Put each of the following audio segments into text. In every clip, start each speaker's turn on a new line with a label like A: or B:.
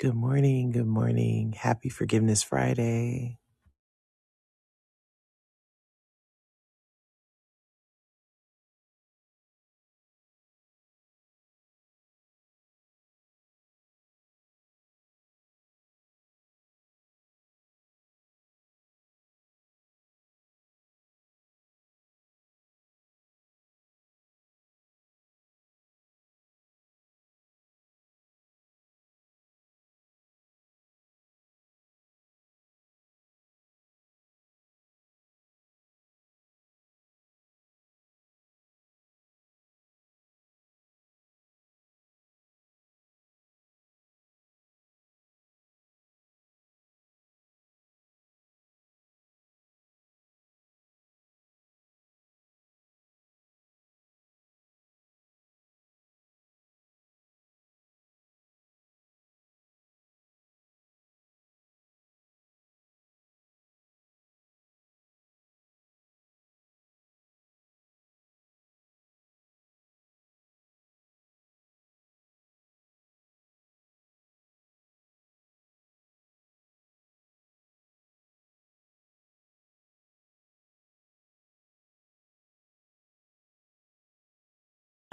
A: Good morning. Good morning. Happy Forgiveness Friday.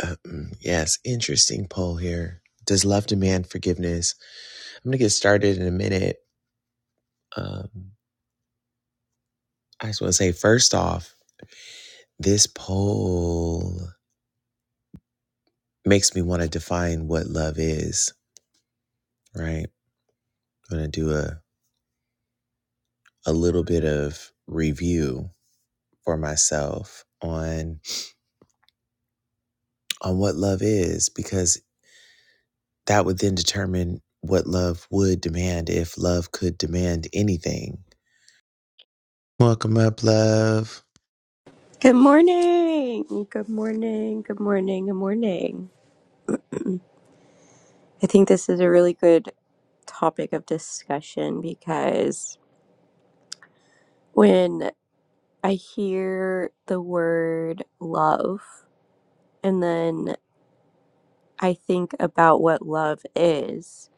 A: Uh, mm, yes, interesting poll here. Does love demand forgiveness? I'm going to get started in a minute. Um, I just want to say, first off, this poll makes me want to define what love is, right? I'm going to do a, a little bit of review for myself on on what love is because that would then determine what love would demand if love could demand anything Welcome up, love.
B: Good morning. Good morning. Good morning. Good morning. I think this is a really good topic of discussion because when I hear the word love and then I think about what love is,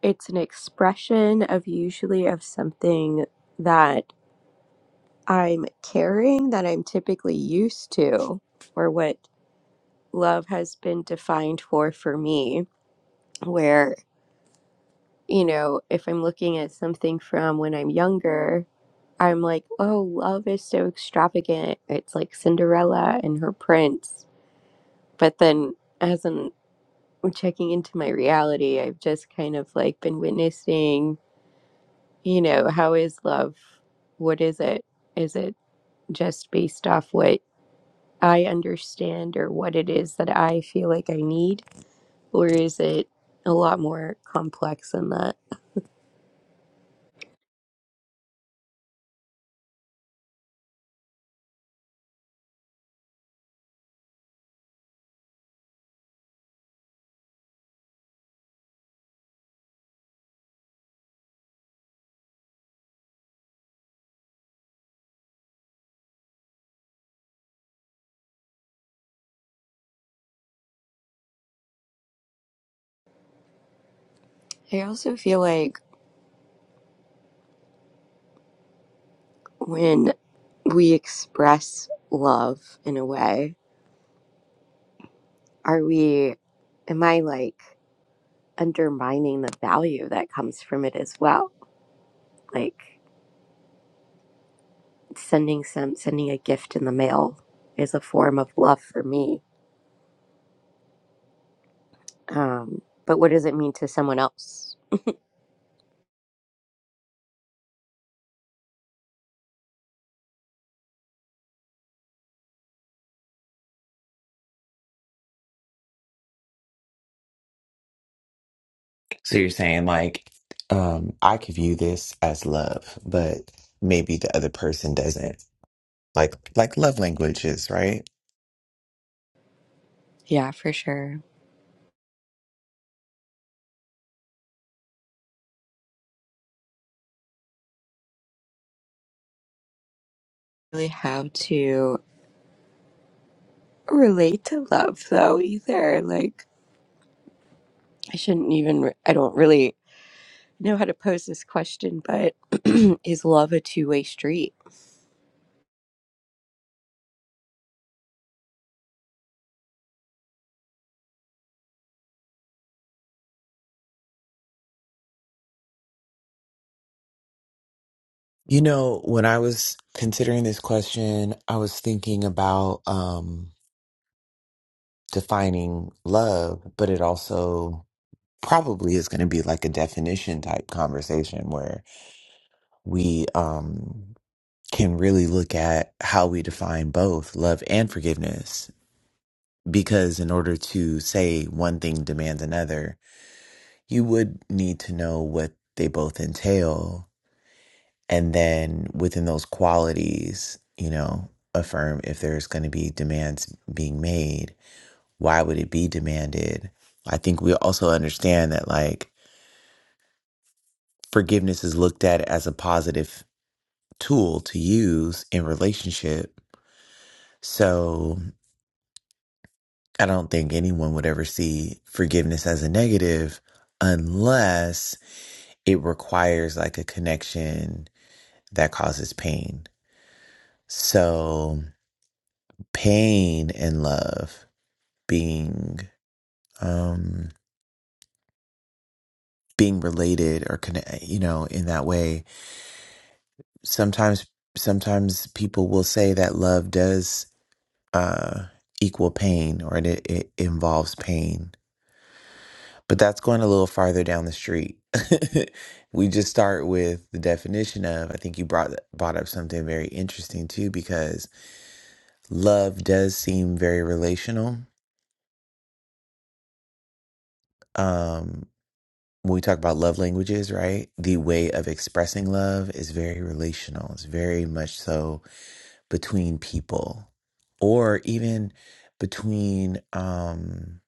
B: it's an expression of usually of something that I'm carrying that I'm typically used to or what love has been defined for for me where. you know, if I'm looking at something from when I'm younger, I'm like, oh, love is so extravagant. It's like Cinderella and her prince. But then as I'm checking into my reality, I've just kind of like been witnessing, you know, how is love? What is it? Is it just based off what I understand or what it is that I feel like I need? Or is it a lot more complex than that? I also feel like when we express love in a way, are we, am I like undermining the value that comes from it as well? Like sending some, sending a gift in the mail is a form of love for me. Um, but what does it mean to someone else?
A: So you're saying like, um, I could view this as love, but maybe the other person doesn't. Like like love languages, right?
B: Yeah, for sure. Really how to relate to love though either. Like I shouldn't even re- I don't really know how to pose this question, but is love a two-way street?
A: You know, when I was considering this question, I was thinking about um defining love, but it also probably is going to be like a definition type conversation where we um can really look at how we define both love and forgiveness because in order to say one thing demands another, you would need to know what they both entail. And then within those qualities, you know, affirm if there's going to be demands being made, why would it be demanded? I think we also understand that, like, forgiveness is looked at as a positive tool to use in relationship. So I don't think anyone would ever see forgiveness as a negative unless it requires like a connection that causes pain. So pain and love being um being related or connect, you know, in that way. Sometimes sometimes people will say that love does uh equal pain or it, it involves pain. But that's going a little farther down the street. we just start with the definition of I think you brought brought up something very interesting too because love does seem very relational. Um, when we talk about love languages, right? The way of expressing love is very relational. It's very much so between people, or even between um,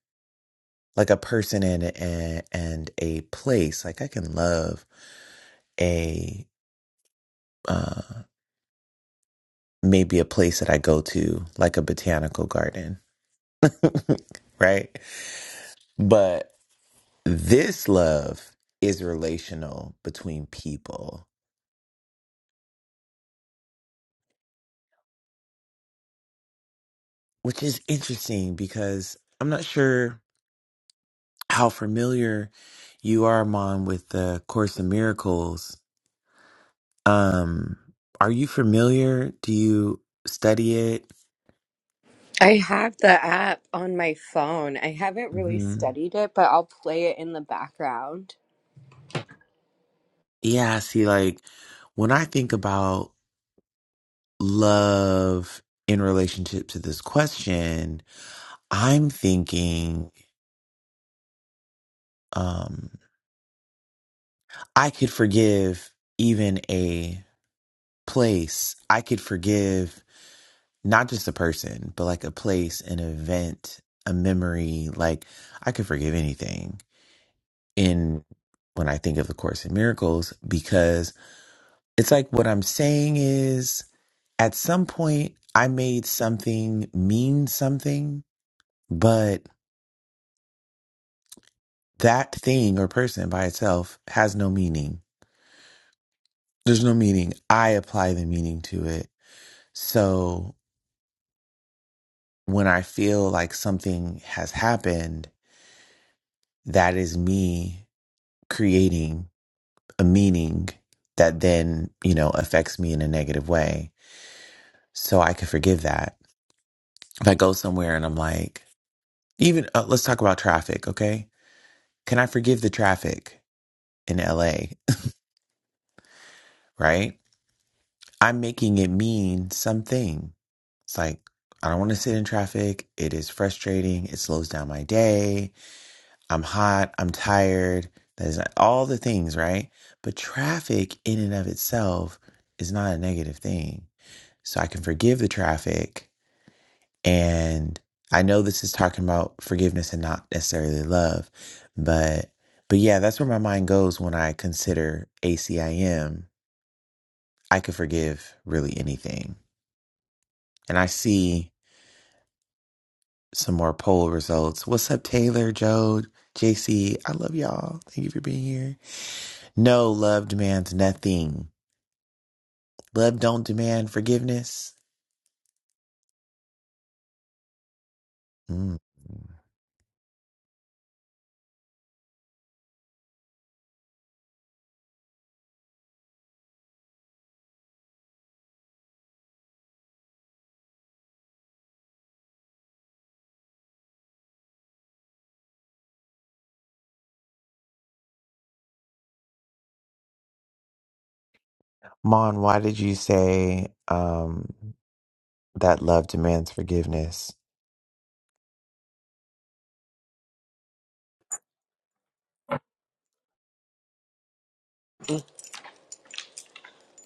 A: like a person and and, and a place. Like I can love a uh, maybe a place that I go to, like a botanical garden, right? But. This love is relational between people, which is interesting because I'm not sure how familiar you are, Mom, with the Course in Miracles. Um, are you familiar? Do you study it?
B: I have the app on my phone. I haven't really
A: hmm
B: studied it, but I'll play it in the background.
A: Yeah, see, like when I think about love in relationship to this question, I'm thinking um, I could forgive even a place I could forgive not just a person, but like a place, an event, a memory. Like I could forgive anything in when I think of the Course in Miracles because it's like what I'm saying is at some point I made something mean something, but that thing or person by itself has no meaning. There's no meaning. I apply the meaning to it. So when I feel like something has happened, that is me creating a meaning that then, you know, affects me in a negative way. So I can forgive that. If I go somewhere and I'm like, even uh, let's talk about traffic, okay? Can I forgive the traffic in LA, right? I'm making it mean something. It's like, I don't want to sit in traffic. It is frustrating. It slows down my day I'm hot, I'm tired, there's all the things, right? But traffic in and of itself is not a negative thing. So I can forgive the traffic. And I know this is talking about forgiveness and not necessarily love, but but yeah, that's where my mind goes when I consider ACIM. I M. I could forgive really anything. And I see some more poll results. What's up, Taylor, Jode, JC? I love y'all. Thank you for being here. No, love demands nothing. Love don't demand forgiveness. Mm. Mon, why did you say um that love demands forgiveness?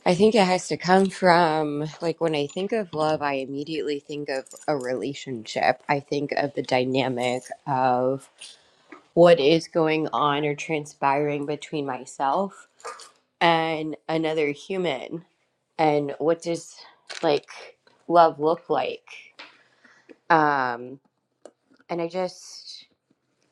B: I think it has to come from like when I think of love, I immediately think of a relationship. I think of the dynamic of what is going on or transpiring between myself and another human and what does like love look like um and i just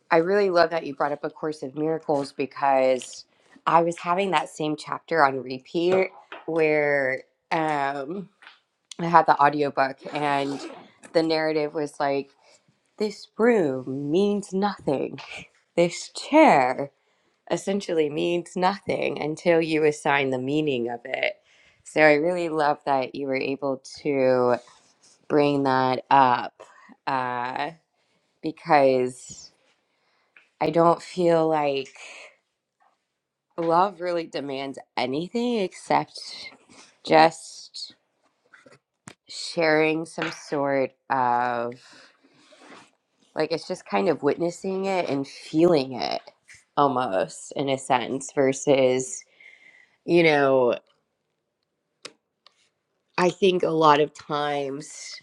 B: I really love that you brought up A Course of Miracles because I was having that same chapter on repeat where um, I had the audiobook and the narrative was like, this room means nothing. This chair essentially means nothing until you assign the meaning of it. So I really love that you were able to bring that up uh, because I don't feel like. love really demands anything except just sharing some sort of like it's just kind of witnessing it and feeling it almost in a sense versus you know i think a lot of times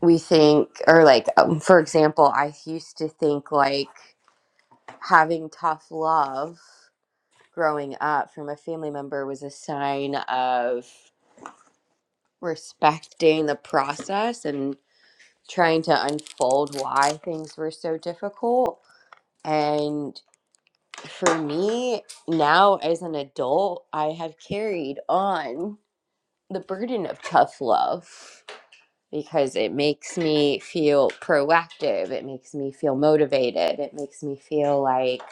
B: we think or like um, for example i used to think like having tough love growing up from a family member was a sign of respecting the process and trying to unfold why things were so difficult. And for me, now as an adult, I have carried on the burden of tough love because it makes me feel proactive. It makes me feel motivated. It makes me feel like,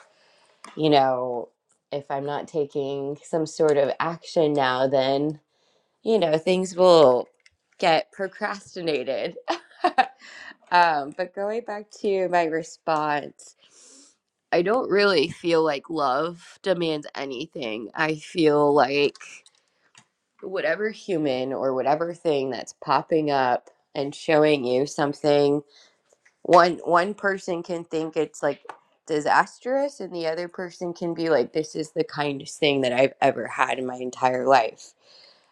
B: you know, if I'm not taking some sort of action now, then, you know, things will get procrastinated. Um, but going back to my response, I don't really feel like love demands anything. I feel like whatever human or whatever thing that's popping up and showing you something, one one person can think it's like disastrous and the other person can be like this is the kindest thing that I've ever had in my entire life.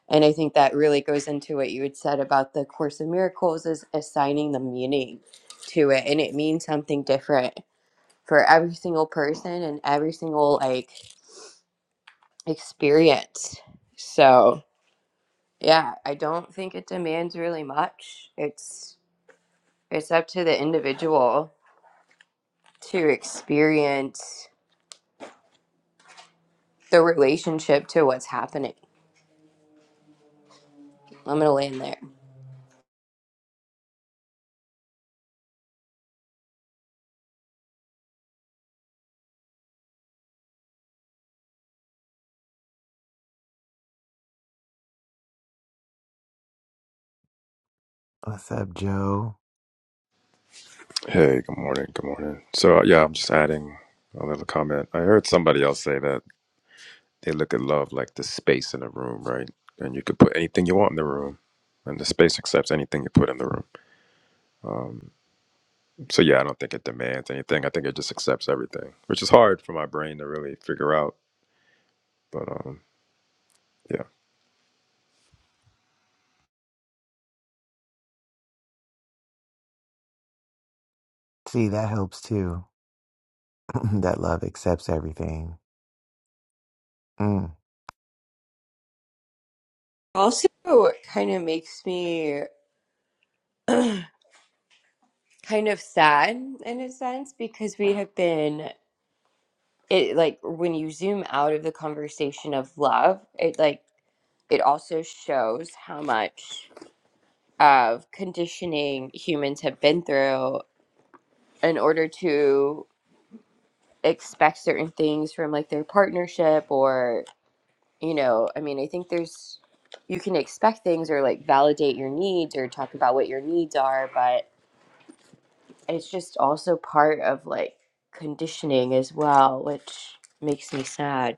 B: And I think that really goes into what you had said about the Course in Miracles is assigning the meaning to it. And it means something different for every single person and every single like experience. So yeah, I don't think it demands really much. It's it's up to the individual to experience the relationship to what's happening. I'm gonna land there.
A: What's up, Joe?
C: Hey, good morning. Good morning. So, uh, yeah, I'm just adding a little comment. I heard somebody else say that they look at love like the space in a room, right? And you could put anything you want in the room, and the space accepts anything you put in the room. So, yeah, I don't think it demands anything. I think it just accepts everything, which is hard for my brain to really figure out. But, um, yeah.
A: See, that helps too. that love accepts everything. Mm.
B: Also it kind of makes me kind of sad in a sense because we have been it like when you zoom out of the conversation of love it like it also shows how much of conditioning humans have been through in order to expect certain things from like their partnership or you know i mean i think there's you can expect things or like validate your needs or talk about what your needs are but. it's just also part of like conditioning as well, which makes me sad.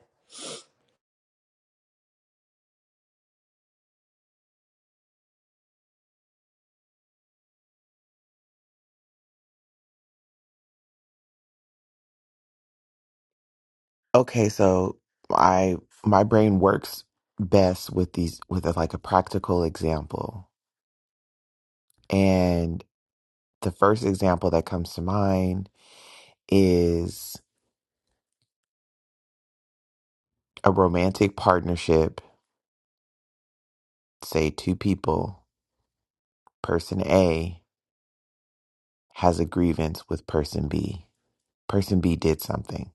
A: Okay, so I my brain works best with these with a, like a practical example. And the first example that comes to mind is a romantic partnership say two people, person A has a grievance with person B. Person B did something.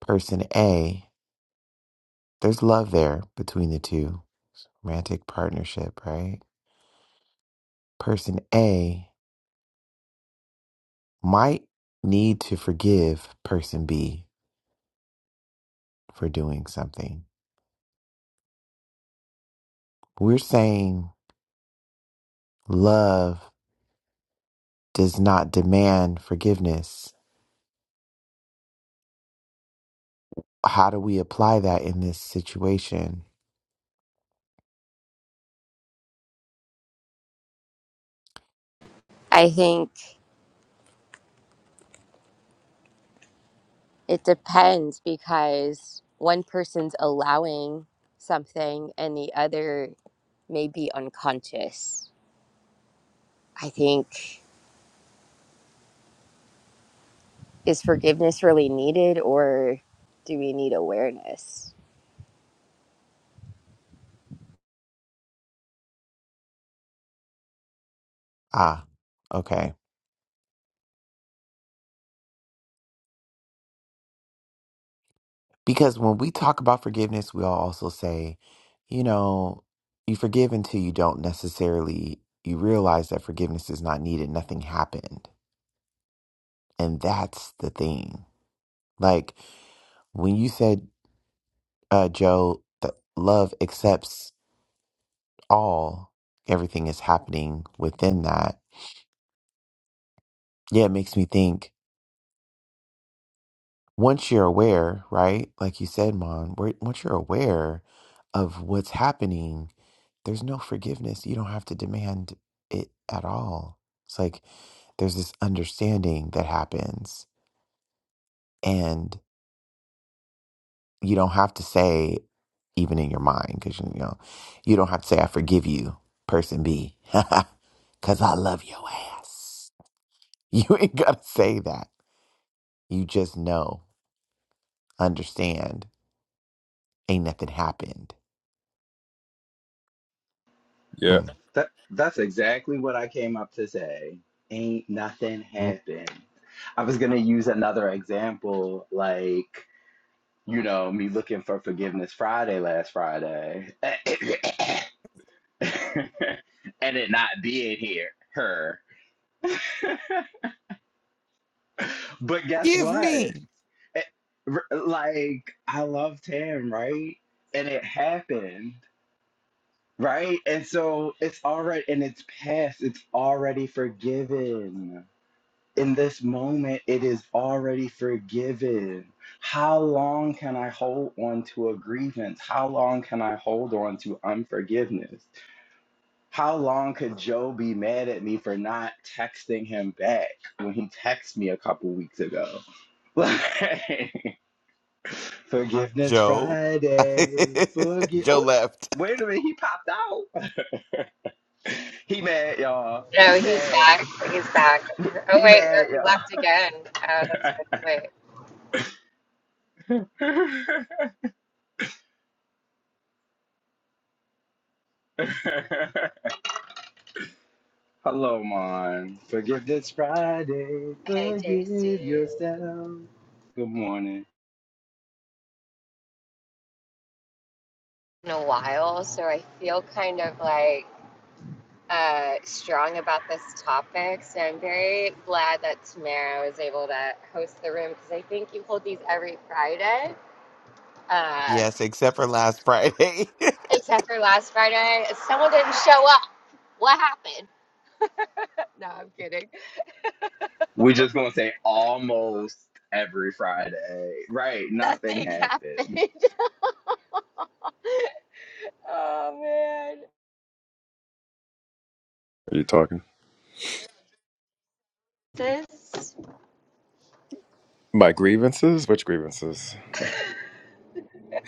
A: Person A, there's love there between the two, romantic partnership, right? Person A might need to forgive person B for doing something. We're saying love does not demand forgiveness. How do we apply that in this situation?
B: I think it depends because one person's allowing something and the other may be unconscious. I think is forgiveness really needed or do we need awareness?
A: Ah, okay. Because when we talk about forgiveness, we all also say, you know, you forgive until you don't necessarily you realize that forgiveness is not needed, nothing happened. And that's the thing. Like when you said, uh, Joe, that love accepts all, everything is happening within that. Yeah, it makes me think once you're aware, right? Like you said, Mon, where- once you're aware of what's happening, there's no forgiveness. You don't have to demand it at all. It's like there's this understanding that happens, and you don't have to say, even in your mind, because you know, you don't have to say, I forgive you, person B, because I love your ass. You ain't got to say that. You just know, understand, ain't nothing happened.
C: Yeah.
A: Mm.
D: That that's exactly what I came up to say. Ain't nothing
A: Mm.
D: happened. I was gonna use another example, like you know me looking for forgiveness Friday last Friday, and it not being here. Her, but guess
A: Give
D: what?
A: me,
D: Eh, r- Like I loved him, right? And it happened, right? And so it's already, and it's past. It's already forgiven in this moment, it is already forgiven. How long can I hold on to a grievance? How long can I hold on to unforgiveness? How long could Joe be mad at me for not texting him back when he texted me a couple weeks ago? Like, forgiveness
A: Joe.
D: Friday. Forgive.
A: Joe
D: Oh,
A: left.
D: wait a minute. He popped out. He mad, y'all. He
B: No, he's
D: mad.
B: back
D: He mad,
B: at
D: y'all. Hello, Mon. Forgive this Friday. Forgive
B: AJC
D: yourself. Good morning.
B: in a while, so I feel kind of like uh, strong about this topic. So I'm very glad that Tamara was able to host the room because I think you hold these every Friday, uh,
A: Yes, except for last Friday.
B: except for last Friday. Someone didn't show up. What happened? No, I'm kidding.
D: We're just gonna say almost every Friday, right? Nothing
B: Nothing happened.
D: happened.
B: Oh man.
C: Are you talking?
B: This
C: My grievances? Which grievances?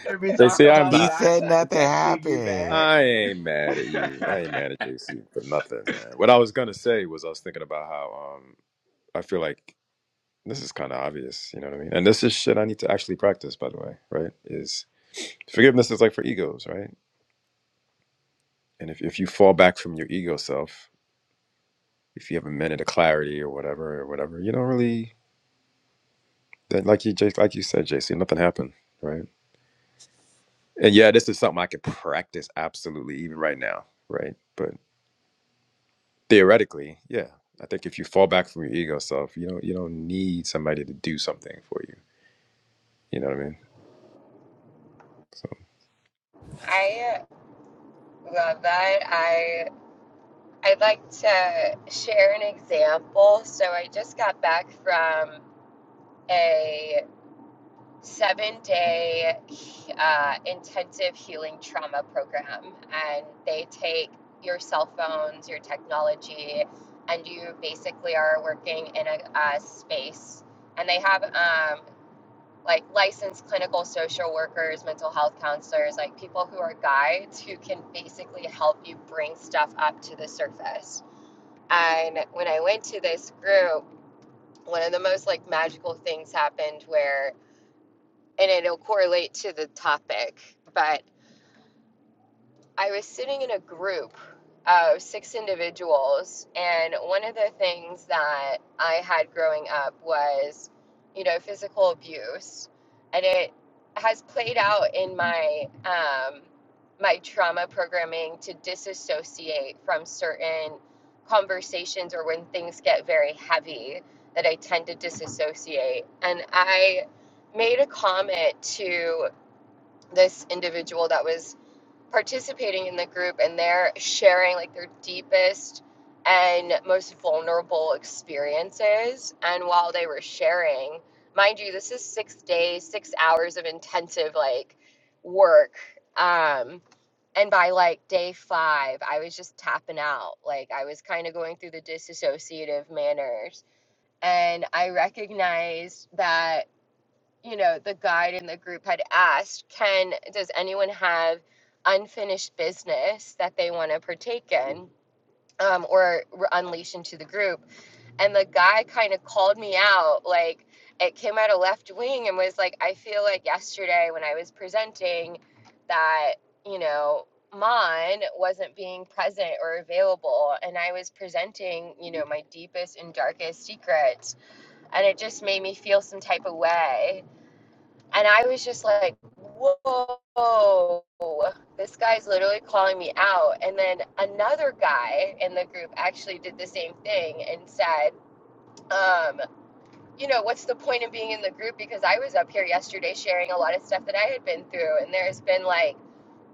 D: Did we
C: They
D: talk
C: say I'm
D: about
A: He
C: not.
D: not
A: said
D: te-
A: nothing
D: texting you
A: happened.
D: back?
C: I ain't mad at you. I ain't mad at JC for nothing, man. What I was gonna say was I was thinking about how um I feel like this is kind of obvious, you know what I mean? And this is shit I need to actually practice, by the way, right? Is forgiveness is like for egos, right? And if, if you fall back from your ego self, if you have a minute of clarity or whatever, or whatever, you don't really, then like you, Jace, like you said, JC, nothing happened, right? And yeah, this is something I could practice absolutely even right now, right? But theoretically, yeah, I think if you fall back from your ego self, you don't, you don't need somebody to do something for you, you know what I mean? So
B: I love that. I I'd like to share an example. So I just got back from a seven day uh, intensive healing trauma program. And they take your cell phones, your technology, and you basically are working in a, a space. And they have um, like licensed clinical social workers, mental health counselors, like people who are guides who can basically help you bring stuff up to the surface. And when I went to this group, one of the most like magical things happened where and it'll correlate to the topic. But I was sitting in a group of six individuals, and one of the things that I had growing up was, you know, physical abuse, and it has played out in my um, my trauma programming to disassociate from certain conversations or when things get very heavy that I tend to disassociate, and I made a comment to this individual that was participating in the group and they're sharing like their deepest and most vulnerable experiences and while they were sharing mind you this is six days six hours of intensive like work um and by like day five i was just tapping out like i was kind of going through the disassociative manners and i recognized that you know the guide in the group had asked can does anyone have unfinished business that they want to partake in um, or re- unleash into the group and the guy kind of called me out like it came out of left wing and was like i feel like yesterday when i was presenting that you know Mon wasn't being present or available, and I was presenting, you know, my deepest and darkest secrets, and it just made me feel some type of way and I was just like, whoa, this guy's literally calling me out. And then another guy in the group actually did the same thing and said, um, you know, what's the point of being in the group? Because I was up here yesterday sharing a lot of stuff that I had been through. And there's been like,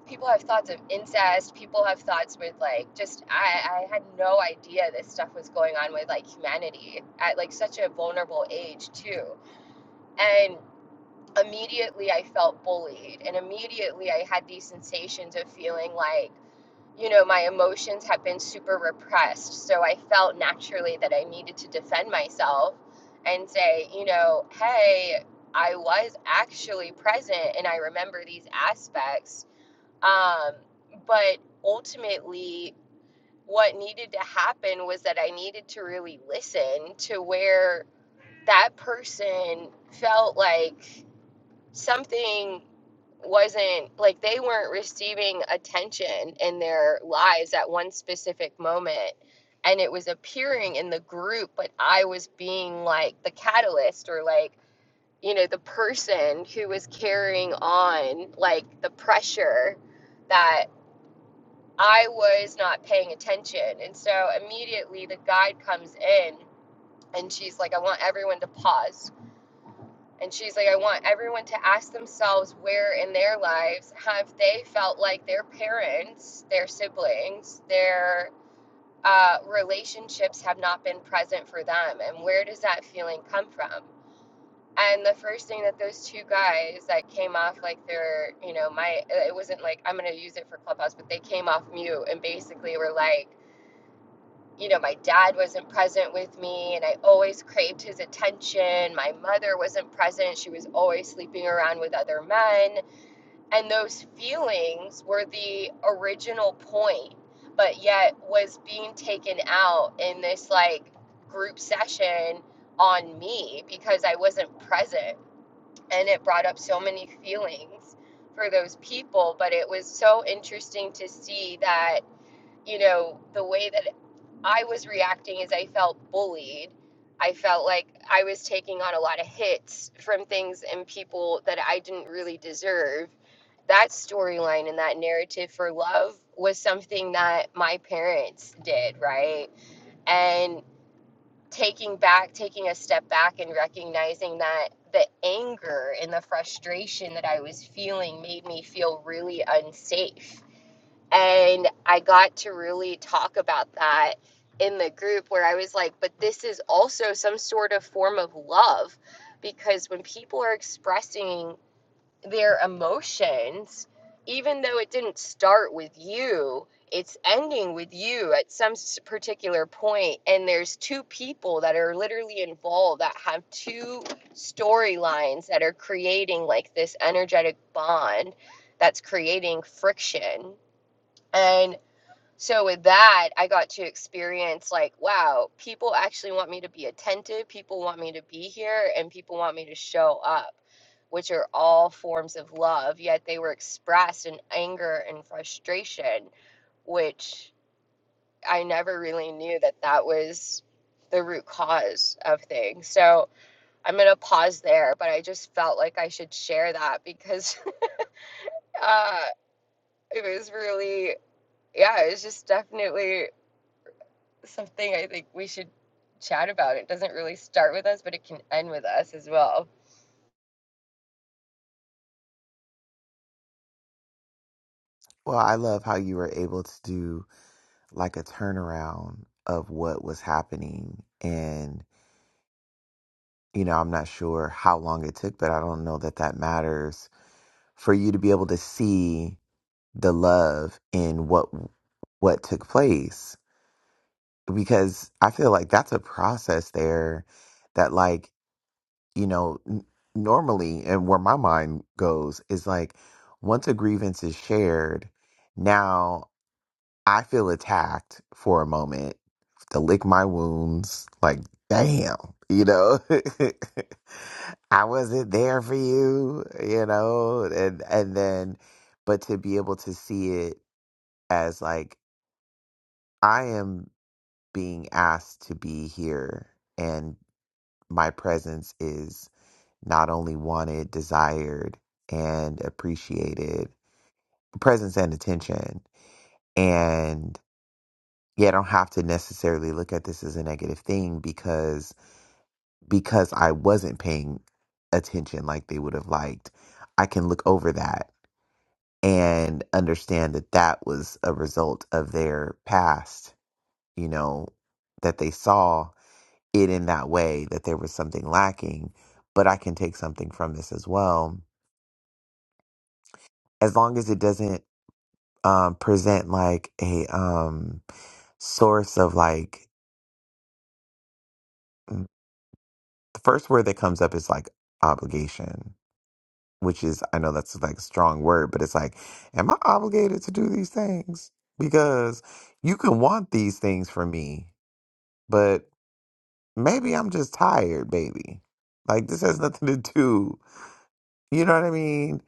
B: people have thoughts of incest. People have thoughts with like, just, I, I had no idea this stuff was going on with like humanity at like such a vulnerable age, too. And immediately I felt bullied, and immediately I had these sensations of feeling like, you know, my emotions had been super repressed. So I felt naturally that I needed to defend myself and say, you know, hey, I was actually present and I remember these aspects. Um, but ultimately, what needed to happen was that I needed to really listen to where that person felt like something wasn't like they weren't receiving attention in their lives at one specific moment and it was appearing in the group but i was being like the catalyst or like you know the person who was carrying on like the pressure that i was not paying attention and so immediately the guide comes in and she's like i want everyone to pause and she's like, I want everyone to ask themselves where in their lives have they felt like their parents, their siblings, their uh, relationships have not been present for them? And where does that feeling come from? And the first thing that those two guys that came off like they're, you know, my, it wasn't like I'm going to use it for Clubhouse, but they came off mute and basically were like, you know, my dad wasn't present with me and I always craved his attention. My mother wasn't present. She was always sleeping around with other men. And those feelings were the original point, but yet was being taken out in this like group session on me because I wasn't present. And it brought up so many feelings for those people. But it was so interesting to see that you know, the way that I was reacting as I felt bullied. I felt like I was taking on a lot of hits from things and people that I didn't really deserve. That storyline and that narrative for love was something that my parents did, right? And taking back, taking a step back and recognizing that the anger and the frustration that I was feeling made me feel really unsafe and I got to really talk about that in the group where I was like, but this is also some sort of form of love because when people are expressing their emotions, even though it didn't start with you, it's ending with you at some particular point." and there's two people that are literally involved that have two storylines that are creating like this energetic bond that's creating friction and so with that i got to experience like wow people actually want me to be attentive people want me to be here and people want me to show up which are all forms of love yet they were expressed in anger and frustration which i never really knew that that was the root cause of things so i'm going to pause there but i just felt like i should share that because uh, it was really yeah it was just definitely something I think we should chat about. It doesn't really start with us, but it can end with us as well.
A: Well, I love how you were able to do like a turnaround of what was happening. And, you know, I'm not sure how long it took, but I don't know that that matters for you to be able to see the love in what what took place because I feel like that's a process there that like, you know, n- normally and where my mind goes is like once a grievance is shared, now. I feel attacked for a moment to lick my wounds. Like, damn, you know, I wasn't there for you, you know, and and then, but to be able to see it as like I am being asked to be here, and my presence is not only wanted, desired, and appreciated, presence and attention, and. yeah, I don't have to necessarily look at this as a negative thing because because I wasn't paying attention like they would have liked. I can look over that and understand that that was a result of their past, you know, that they saw it in that way that there was something lacking, but I can take something from this as well. As long as it doesn't um present like a um source of like the first word that comes up is like obligation, which is I know that's like a strong word, but it's like, am I obligated to do these things? Because you can want these things from me, but maybe I'm just tired, baby. Like this has nothing to do. You know what I mean?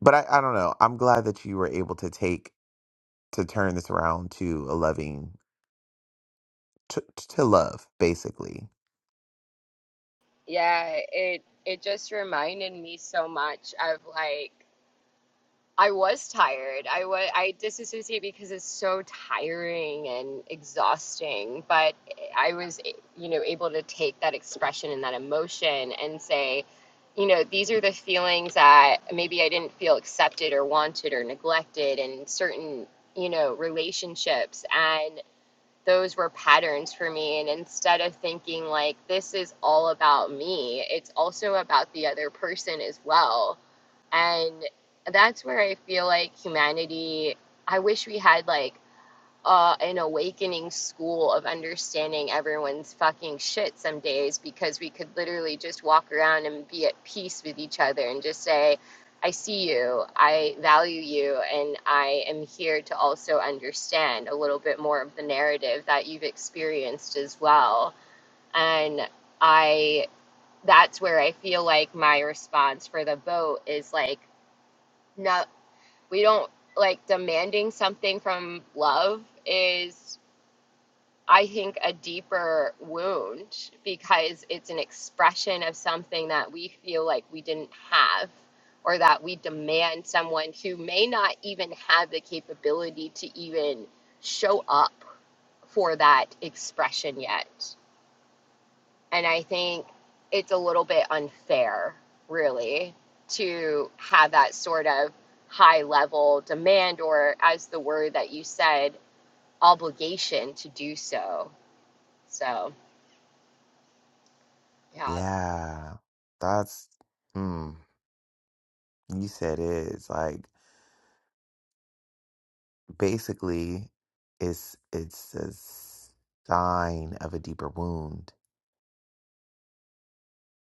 A: But I, I don't know. I'm glad that you were able to take to turn this around to a loving to, to love, basically.
B: Yeah, it it just reminded me so much of like I was tired. I was I disassociate because it's so tiring and exhausting, but I was you know able to take that expression and that emotion and say you know, these are the feelings that maybe I didn't feel accepted or wanted or neglected in certain, you know, relationships. and. those were patterns for me. And instead of thinking like, this is all about me, it's also about the other person as well. And that's where I feel like humanity, I wish we had like uh, an awakening school of understanding everyone's fucking shit some days because we could literally just walk around and be at peace with each other and just say, I see you, I value you, and I am here to also understand a little bit more of the narrative that you've experienced as well. And I, that's where I feel like my response for the boat is like, no, we don't like demanding something from love is I think, a deeper wound because it's an expression of something that we feel like we didn't have or that we demand someone who may not even have the capability to even show up for that expression yet. And I think it's a little bit unfair, really, to have that sort of high level demand or, as the word that you said, obligation to do so. So. Yeah.
A: Yeah, that's mm, you said it. It's like basically it's it's a sign of a deeper wound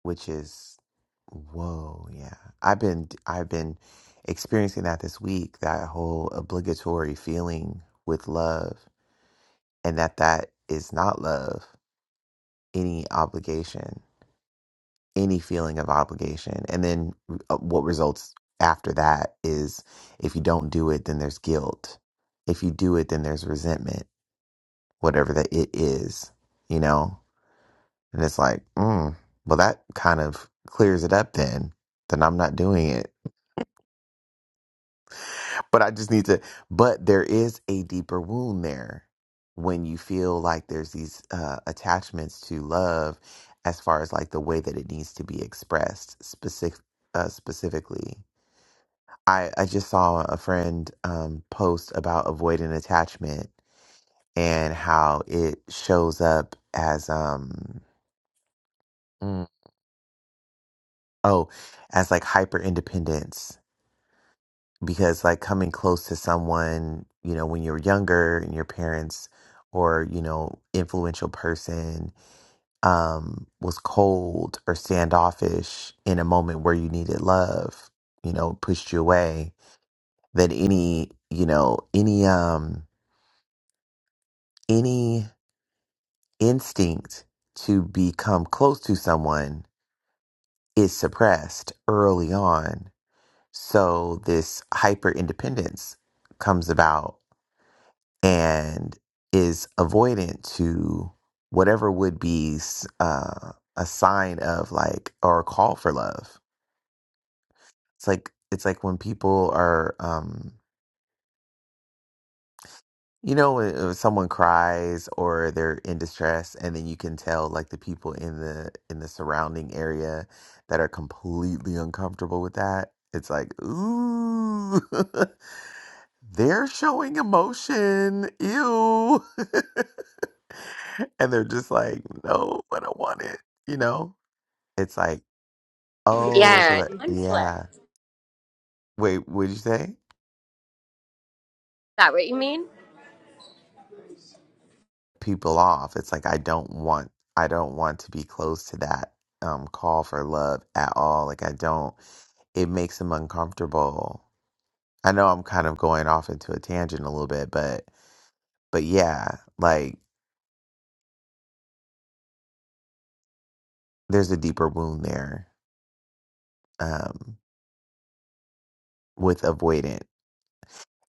A: which is whoa yeah i've been i've been experiencing that this week that whole obligatory feeling with love and that that is not love any obligation any feeling of obligation and then uh, what results after that is if you don't do it then there's guilt if you do it then there's resentment whatever that it is, you know? And it's like, mm, well, that kind of clears it up then. Then I'm not doing it. But I just need to, but there is a deeper wound there when you feel like there's these uh, attachments to love as far as like the way that it needs to be expressed specific, uh, specifically. I, I just saw a friend um, post about avoidant attachment and how it shows up as um, mm, oh, as like hyper independence because like coming close to someone, you know, when you're younger and your parents or, you know, influential person um was cold or standoffish in a moment where you needed love, you know, pushed you away, that any, you know, any um any instinct to become close to someone is suppressed early on So this hyper independence comes about and is avoidant to whatever would be s- uh, a sign of like or a call for love. It's like it's like when people are, um, you know, when uh, someone cries or they're in distress, and then you can tell like the people in the in the surrounding area that are completely uncomfortable with that. It's like ooh, they're showing emotion. Ew. and they're just like, no, I don't want it. You know? It's like, oh, so
B: Yeah,
A: that,
B: honestly.
A: yeah.
B: Is
A: Wait, what did you say?
B: that what you mean?
A: People off. It's like, I don't want, I don't want to be close to that um, call for love at all. Like, I don't, it makes them uncomfortable. I know I'm kind of going off into a tangent a little bit, but, but yeah, like, there's a deeper wound there um, with avoidant.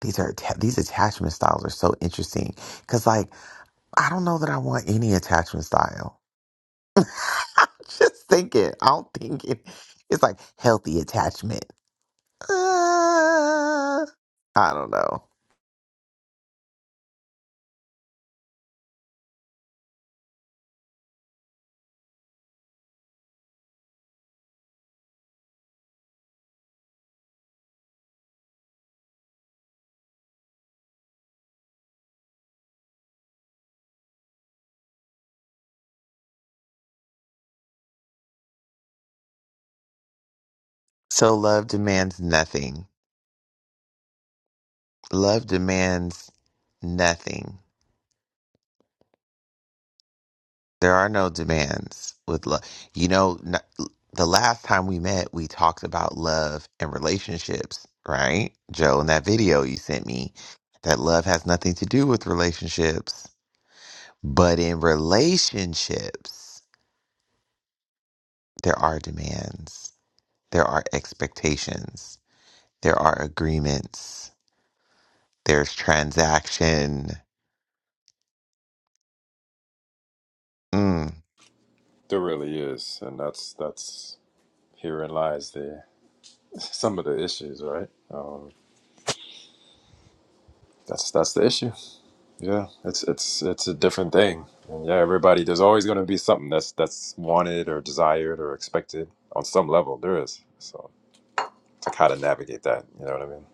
A: These are atta- these attachment styles are so interesting because, like, I don't know that I want any attachment style. I'm just thinking. I don't think it. It's like healthy attachment. Uh, I don't know. So love demands nothing. Love demands nothing. There are no demands with love. You know, n- the last time we met, we talked about love and relationships, right? Joe, in that video you sent me, that love has nothing to do with relationships. But in relationships, there are demands, there are expectations, there are agreements, there's transaction. Mm.
C: there really is, and that's that's Herein lies the some of the issues, right? Um, that's that's the issue. Yeah, it's it's it's a different thing. And yeah, everybody, there's always going to be something that's that's wanted or desired or expected on some level. There is. So it's like how to navigate that. You know what I mean?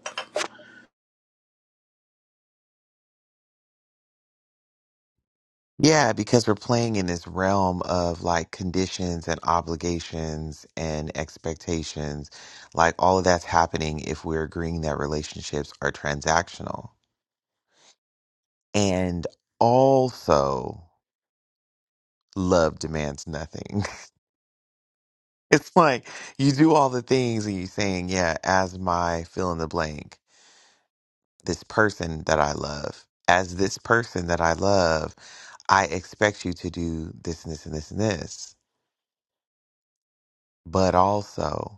A: Yeah, because we're playing in this realm of like conditions and obligations and expectations. Like all of that's happening if we're agreeing that relationships are transactional. And also, love demands nothing. It's like you do all the things and you're saying, yeah, as my fill in the blank, this person that I love, as this person that I love, I expect you to do this and this and this and this. But also,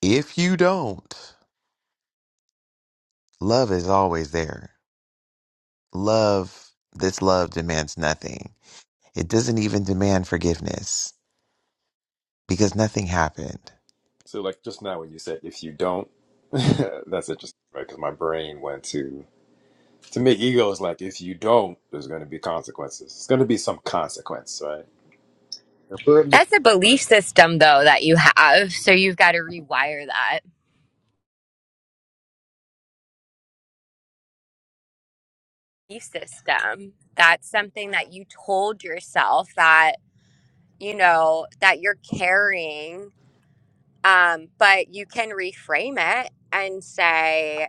A: If you don't, love is always there. Love, this love demands nothing. It doesn't even demand forgiveness because nothing happened.
C: So like just now when you said if you don't, that's interesting, right? Because my brain went to to make egos like if you don't, there's going to be consequences. It's going to be some consequence, right?
B: That's a belief system, though, that you have. So you've got to rewire that belief system. That's something that you told yourself that, you know, that you're carrying. Um, but you can reframe it and say,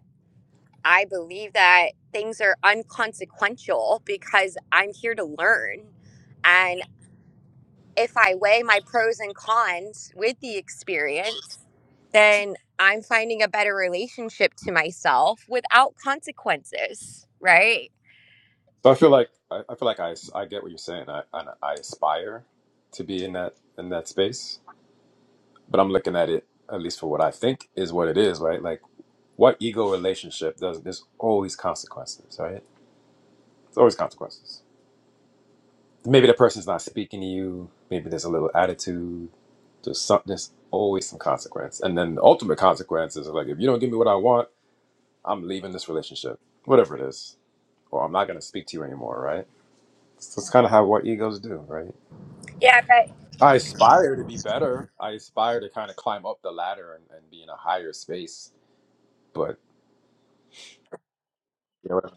B: I believe that things are unconsequential because I'm here to learn. if I weigh my pros and cons with the experience, then I'm finding a better relationship to myself without consequences, right?
C: So I feel like I, I feel like I, I get what you're saying. I, I I aspire to be in that in that space, but I'm looking at it at least for what I think is what it is, right? Like what ego relationship does? There's always consequences, right? It's always consequences. Maybe the person's not speaking to you. Maybe there's a little attitude. There's some. There's always some consequence, and then the ultimate consequence is like if you don't give me what I want, I'm leaving this relationship, whatever it is, or I'm not going to speak to you anymore, right? So it's kind of how what egos do, right?
B: Yeah, but
C: I aspire to be better. I aspire to kind of climb up the ladder and, and be in a higher space. But you know, what I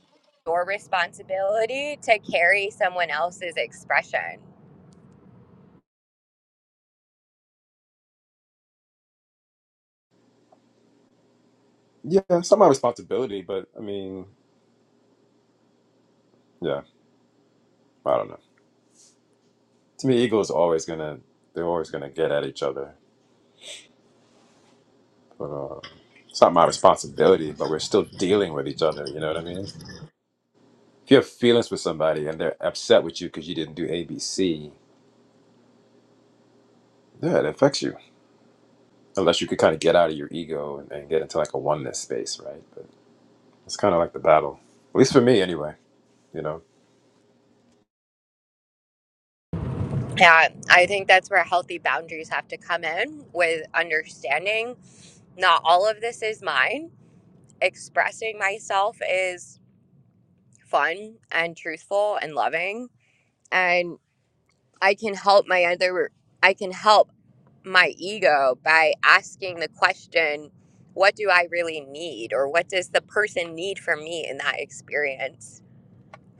B: Your responsibility to carry someone else's expression.
C: mean? yeah, some of my responsibility. But I mean, yeah, I don't know. To me, egos are always gonna they're always gonna get at each other. But uh, it's not my responsibility. But we're still dealing with each other. You know what I mean? If you have feelings with somebody and they're upset with you because you didn't do A, B, C, yeah, it affects you. Unless you could kind of get out of your ego and, and get into like a oneness space, right? But it's kind of like the battle, at least for me, anyway. You know.
B: Yeah, I think that's where healthy boundaries have to come in with understanding not all of this is mine. Expressing myself is fun and truthful and loving. and. I can help my other I can help my ego by asking the question what do I really need or what does the person need from me in that experience.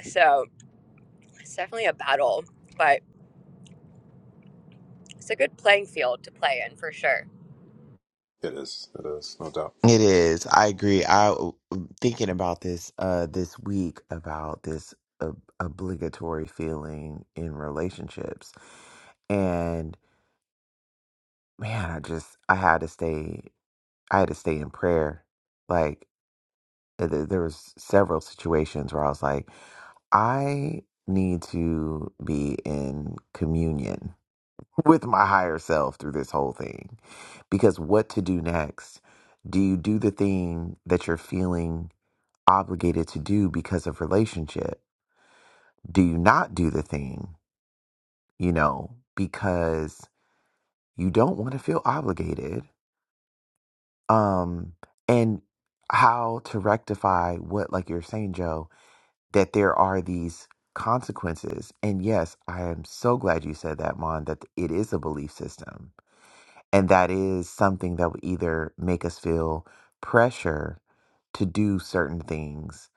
B: So, it's definitely a battle, but it's a good playing field to play in for sure.
C: It is. It is, no doubt.
A: It is. I agree. I thinking about this uh this week about this ob- obligatory feeling in relationships. And man, I just I had to stay I had to stay in prayer. Like th- th- there was several situations where I was like I need to be in communion with my higher self through this whole thing because what to do next? Do you do the thing that you're feeling obligated to do because of relationship? Do you not do the thing, you know, because you don't want to feel obligated? Um and how to rectify what like you're saying, Joe, that there are these consequences. And yes, I am so glad you said that, Mon, that it is a belief system. And that is something that would either make us feel pressure to do certain things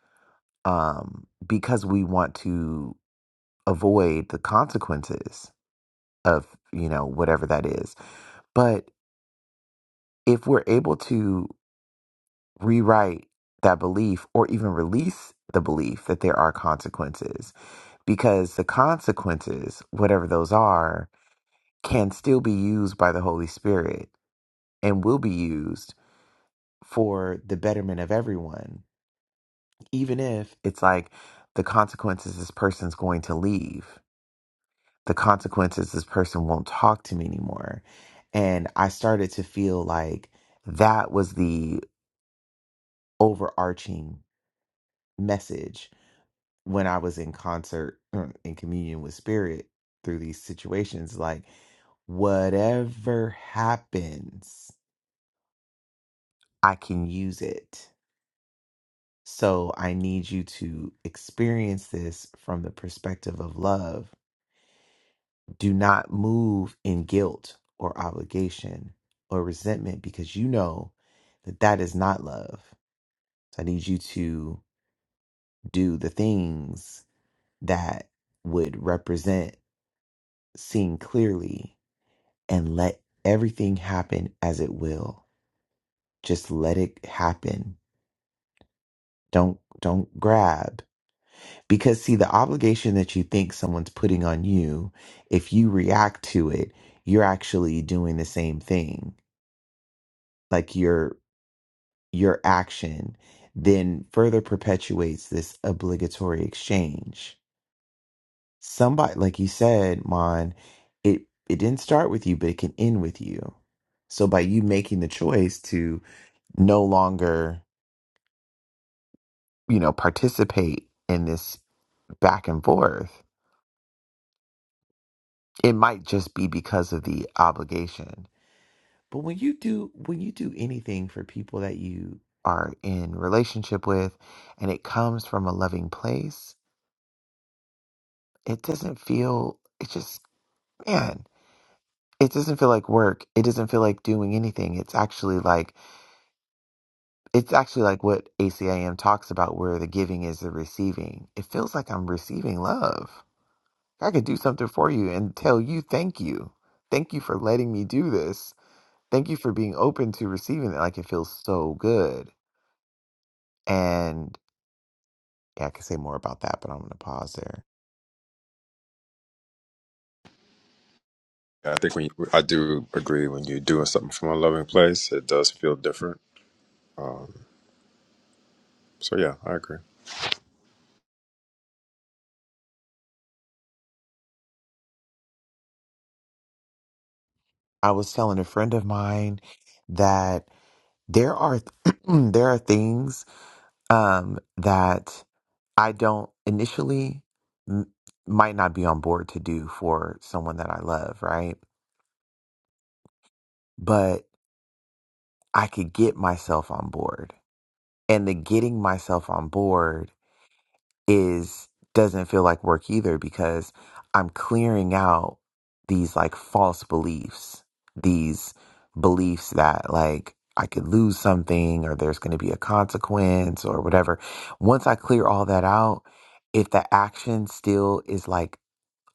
A: um, because we want to avoid the consequences of, you know, whatever that is. But if we're able to rewrite that belief or even release the belief that there are consequences, because the consequences, whatever those are, can still be used by the Holy Spirit and will be used for the betterment of everyone, even if it's like the consequences this person's going to leave, the consequences this person won't talk to me anymore. And I started to feel like that was the overarching message when I was in concert or in communion with spirit through these situations, like whatever happens, I can use it. So I need you to experience this from the perspective of love. Do not move in guilt or obligation or resentment because you know that that is not love. So I need you to do the things that would represent seeing clearly and let everything happen as it will. Just let it happen. Don't don't grab. Because see the obligation that you think someone's putting on you, if you react to it, you're actually doing the same thing. Like your your action then further perpetuates this obligatory exchange. Somebody like you said, Mon, it it didn't start with you, but it can end with you. So by you making the choice to no longer you know, participate in this back and forth. It might just be because of the obligation But when you do when you do anything for people that you are in relationship with and it comes from a loving place, it doesn't feel it just man, it doesn't feel like work. It doesn't feel like doing anything. It's actually like it's actually like what ACIM talks about where the giving is the receiving. It feels like I'm receiving love. I could do something for you and tell you thank you. Thank you for letting me do this. Thank you for being open to receiving it. Like it feels so good. And yeah, I could say more about that, but I'm gonna pause there.
C: Yeah, I think when you, I do agree when you're doing something from a loving place, it does feel different. Um, so yeah, I agree.
A: I was telling a friend of mine that there are there are things um that I don't initially m- might not be on board to do for someone that I love, right? But I could get myself on board. And the getting myself on board is doesn't feel like work either because I'm clearing out these like false beliefs, these beliefs that like I could lose something or there's going to be a consequence or whatever. Once I clear all that out, if the action still is like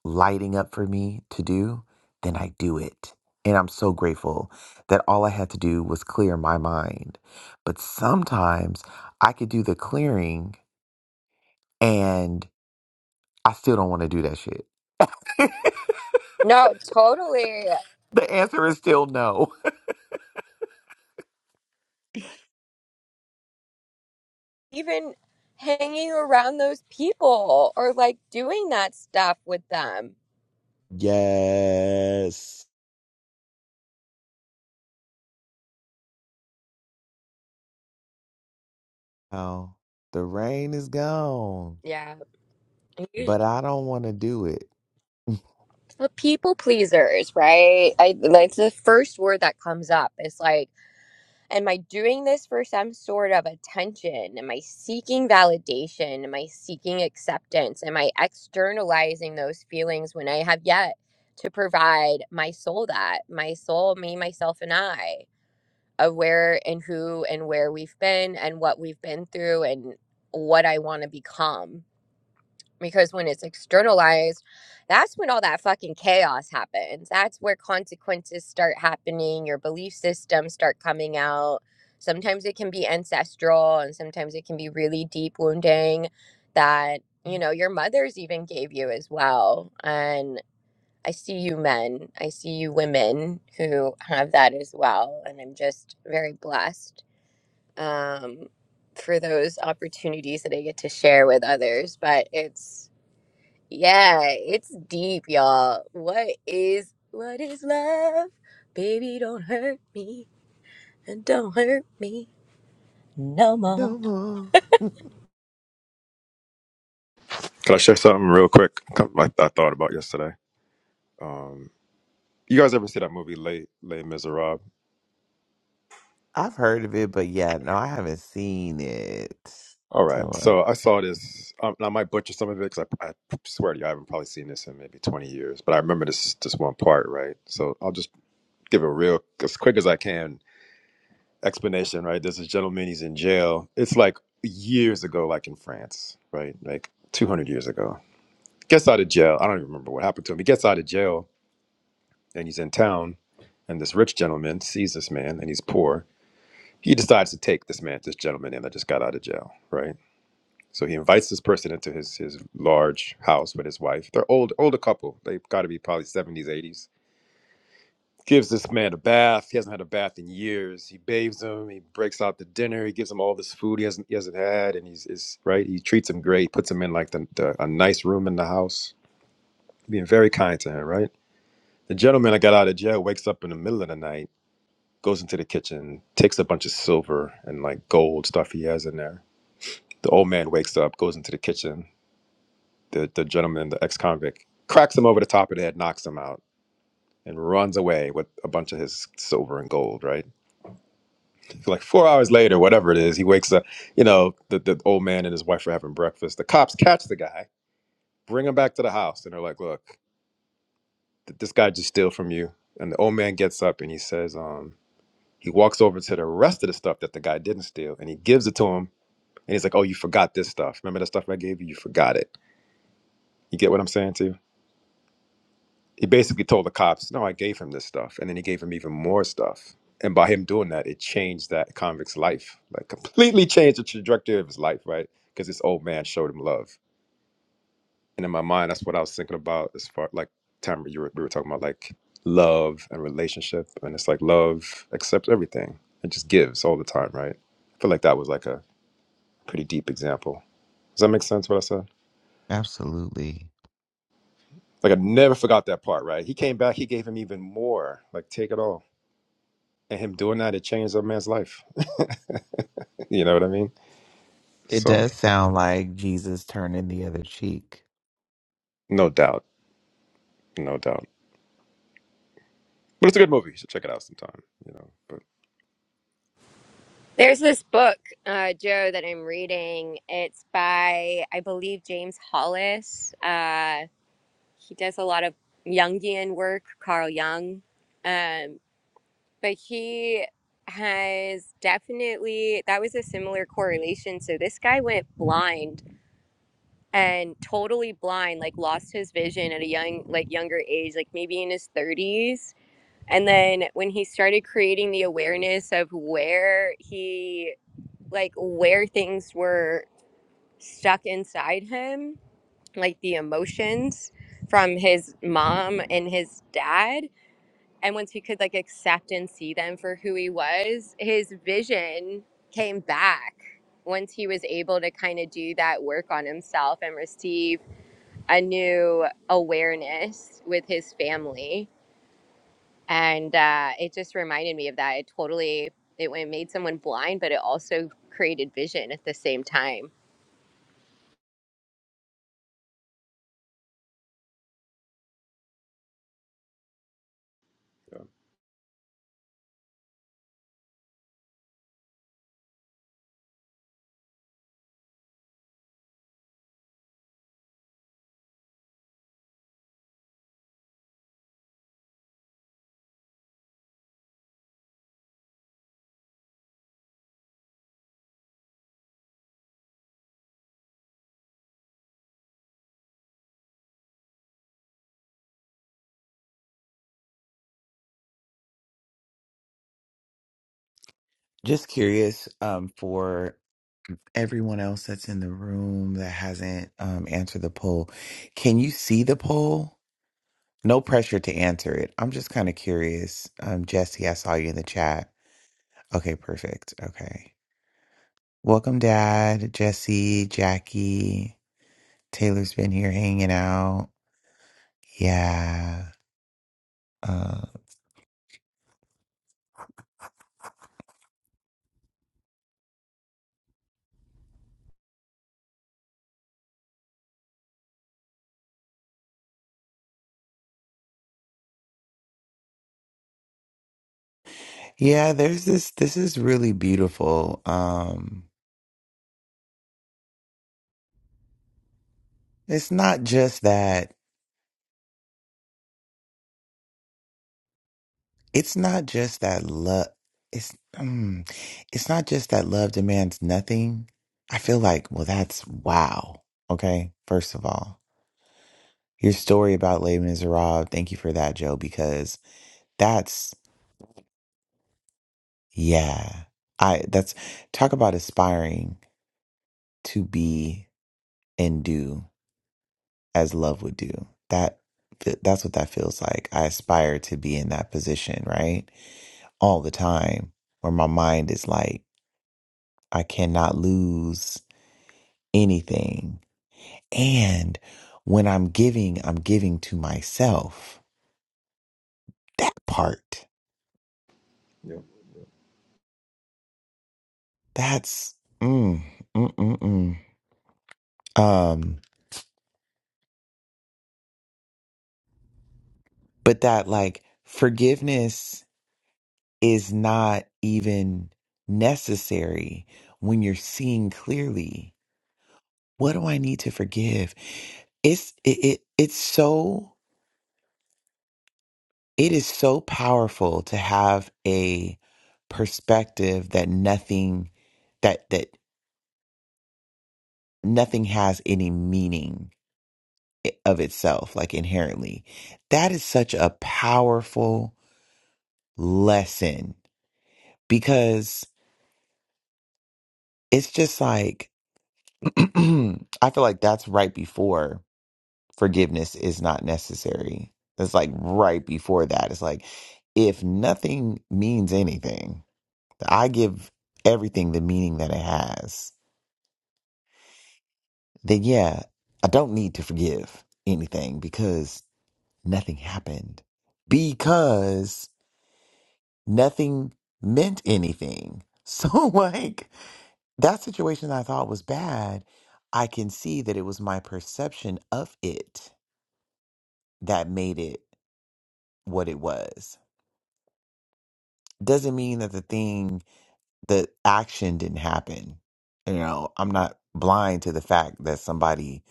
A: lighting up for me to do, then I do it. And I'm so grateful that all I had to do was clear my mind. But sometimes I could do the clearing and I still don't want to do that shit.
B: No, totally.
A: The answer is still no.
B: Even hanging around those people or like doing that stuff with them.
A: Yes. Oh, the rain is gone,
B: Yeah.
A: but I don't want to do it
B: The people pleasers, right? I like the first word that comes up is like Am I doing this for some sort of attention? Am I seeking validation? Am I seeking acceptance? Am I externalizing those feelings when I have yet to provide my soul that, my soul, me, myself, and I, of where and who and where we've been and what we've been through and what I want to become? because when it's externalized that's when all that fucking chaos happens that's where consequences start happening your belief systems start coming out sometimes it can be ancestral and sometimes it can be really deep wounding that you know your mothers even gave you as well and i see you men i see you women who have that as well and i'm just very blessed um, for those opportunities that i get to share with others but it's yeah, it's deep, y'all. What is what is love? Baby, don't hurt me and don't hurt me no more.
A: no more.
C: Can I share something real quick? Come- Like I thought about yesterday. Um, you guys ever see that movie Les Les Miserables?
A: I've heard of it, but yeah, no, I haven't seen it.
C: All
A: Tell
C: right,
A: her.
C: so I saw this. Um, and I might butcher some of it because I, I swear to you, I haven't probably seen this in maybe 20 years. But I remember this this one part, right? So I'll just give it real as quick as I can explanation, right? There's this gentleman, he's in jail. It's like years ago, like in France, right? Like 200 years ago. Gets out of jail. I don't even remember what happened to him. He gets out of jail and he's in town. And this rich gentleman sees this man and he's poor. He decides to take this man, this gentleman in that just got out of jail, right? So he invites this person into his his large house with his wife. They're old, older couple. They've got to be probably 70s, 80s gives this man a bath. He hasn't had a bath in years. He bathes him. He breaks out the dinner. He gives him all this food he hasn't he hasn't had, and he's is right. He treats him great. Puts him in like the, the a nice room in the house, being very kind to him. Right. The gentleman that got out of jail wakes up in the middle of the night, goes into the kitchen, takes a bunch of silver and like gold stuff he has in there. The old man wakes up, goes into the kitchen. The the gentleman, the ex convict, cracks him over the top of the head, knocks him out, and runs away with a bunch of his silver and gold. Right like four hours later, whatever it is, he wakes up. You know, the, the old man and his wife are having breakfast. The cops catch the guy, bring him back to the house, and they're like, "Look, th- this guy just steal from you." And the old man gets up and he says, um, he walks over to the rest of the stuff that the guy didn't steal, and he gives it to him. And he's like, "Oh, you forgot this stuff. Remember that stuff I gave you? You forgot it. You get what I'm saying to you?" he basically told the cops, "No, I gave him this stuff," and then he gave him even more stuff. And by him doing that, it changed that convict's life, like completely changed the trajectory of his life, right? Because this old man showed him love. And in my mind, that's what I was thinking about as far like Tamara, you were, we were talking about like love and relationship, and it's like love accepts everything and just gives all the time, right? I feel like that was like a pretty deep example. Does that make sense? What I said?
A: Absolutely.
C: Like I never forgot that part, right? He came back, he gave him even more. Like take it all. and him doing that, it changed a man's life. you know what I mean?
A: It
C: So
A: does sound like Jesus turning the other cheek.
C: no doubt, no doubt. But it's a good movie. You should check it out sometime. You know, but
B: There's this book, uh, Joe, that I'm reading. It's by, I believe, James Hollis. Uh, he does a lot of Jungian work, Carl Jung. Um, but he has definitely, that was a similar correlation. So this guy went blind and totally blind like lost his vision at a young like younger age like maybe in his 30s and then when he started creating the awareness of where he like where things were stuck inside him like the emotions from his mom and his dad and once he could like accept and see them for who he was his vision came back once he was able to kind of do that work on himself and receive a new awareness with his family and uh, it just reminded me of that it totally it went- made someone blind but it also created vision at the same time
C: yeah.
A: Just curious, um, for everyone else that's in the room that hasn't um answered the poll, can you see the poll? No pressure to answer it. I'm just kind of curious. Um, Jesse, I saw you in the chat. Okay, perfect. Okay. Welcome, Dad, Jesse, Jackie. Taylor's been here hanging out. Yeah. Uh, yeah, there's this, this is really beautiful. Um, it's not just that, it's not just that love. It's, um, it's not just that love demands nothing. I feel like, well, that's wow. Okay. First of all. Your story about Les Miserables, thank you for that, Joe, because that's yeah. I that's talk about aspiring to be and do as love would do. That that's what that feels like. I aspire to be in that position, right? All the time where my mind is like I cannot lose anything. And when I'm giving, I'm giving to myself. That part. That's mm, mm, mm, mm. Um, but that like forgiveness is not even necessary when you're seeing clearly. What do I need to forgive? It's it, it it's so it is so powerful to have a perspective that nothing that that nothing has any meaning i- of itself like inherently. That is such a powerful lesson because it's just like I feel like that's right before forgiveness is not necessary. It's like right before that. It's like if nothing means anything, I give everything the meaning that it has, then yeah, I don't need to forgive anything because nothing happened. Because nothing meant anything. So like That situation I thought was bad, I can see that it was my perception of it that made it what it was. Doesn't mean that the thing, the action didn't happen. You know, I'm not blind to the fact that somebody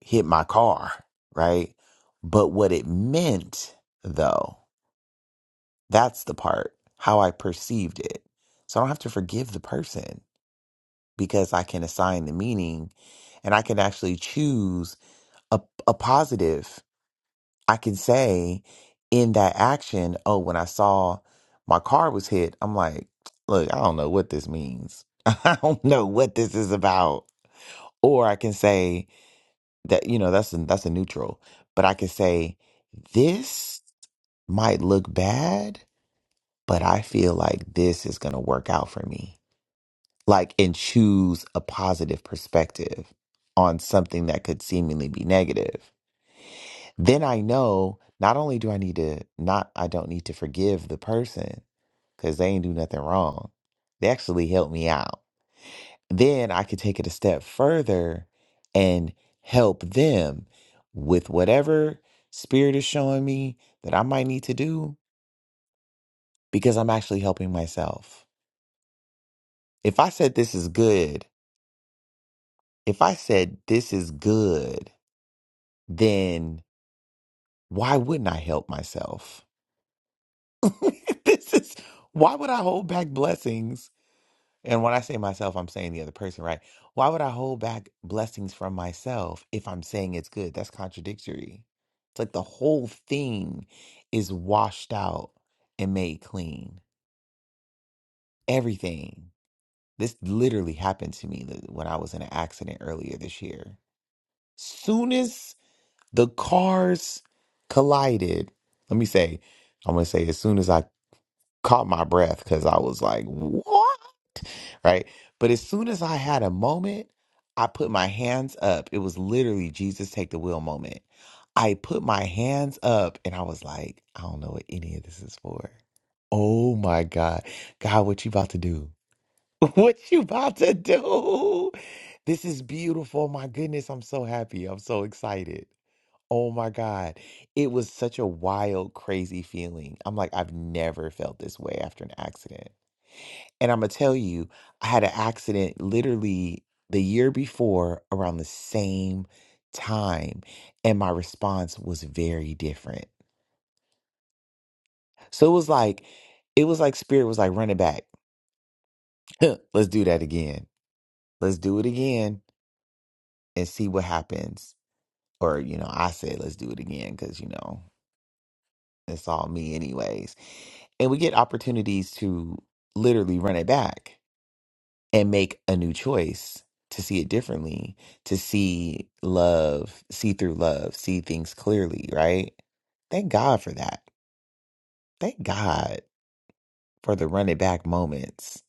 A: hit my car, right? But what it meant, though, that's the part, how I perceived it. So I don't have to forgive the person because I can assign the meaning and I can actually choose a, a positive I can say in that action. Oh, when I saw my car was hit, I'm like, look, I don't know what this means. I don't know what this is about. Or I can say that you know that's a, that's a neutral, but I can say this might look bad, but I feel like this is gonna work out for me. Like and choose a positive perspective on something that could seemingly be negative then I know not only do I need to not I don't need to forgive the person because they ain't do nothing wrong. They actually helped me out. Then I could take it a step further and help them with whatever spirit is showing me that I might need to do because I'm actually helping myself. If I said this is good, if I said this is good, then why wouldn't I help myself? this is why would I hold back blessings And when I say myself, I'm saying the other person, right? Why would I hold back blessings from myself if I'm saying it's good? That's contradictory. It's like the whole thing is washed out and made clean. Everything. This literally happened to me th- when I was in an accident earlier this year. Soon as the cars collided, let me say, I'm going to say, as soon as I caught my breath, because I was like, what? right? But as soon as I had a moment, I put my hands up. It was literally Jesus take the wheel moment. I put my hands up and I was like, I don't know what any of this is for. Oh my God. God, what you about to do? What you about to do? This is beautiful. My goodness, I'm so happy. I'm so excited. Oh my God. It was such a wild, crazy feeling. I'm like, I've never felt this way after an accident. And I'm gonna tell you, I had an accident literally the year before around the same time, and my response was very different. So it was like, it was like spirit was like, run it back. Let's do that again. Let's do it again and see what happens. Or, you know, I said, let's do it again because, you know, it's all me, anyways. And we get opportunities to literally run it back. and make a new choice to see it differently, to see love, see through love, see things clearly, right? Thank God for that. Thank God for the run it back moments.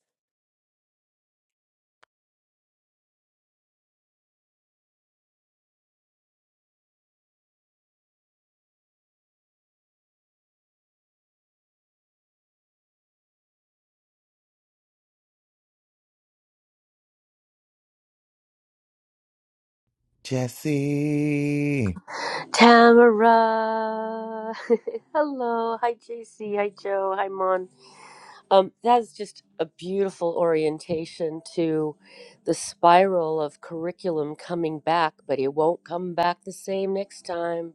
A: Jesse.
E: Tamara. Hello. Hi, JC. Hi, Joe. Hi, Mon. Um, that's just a beautiful orientation to the spiral of curriculum coming back, but it won't come back the same next time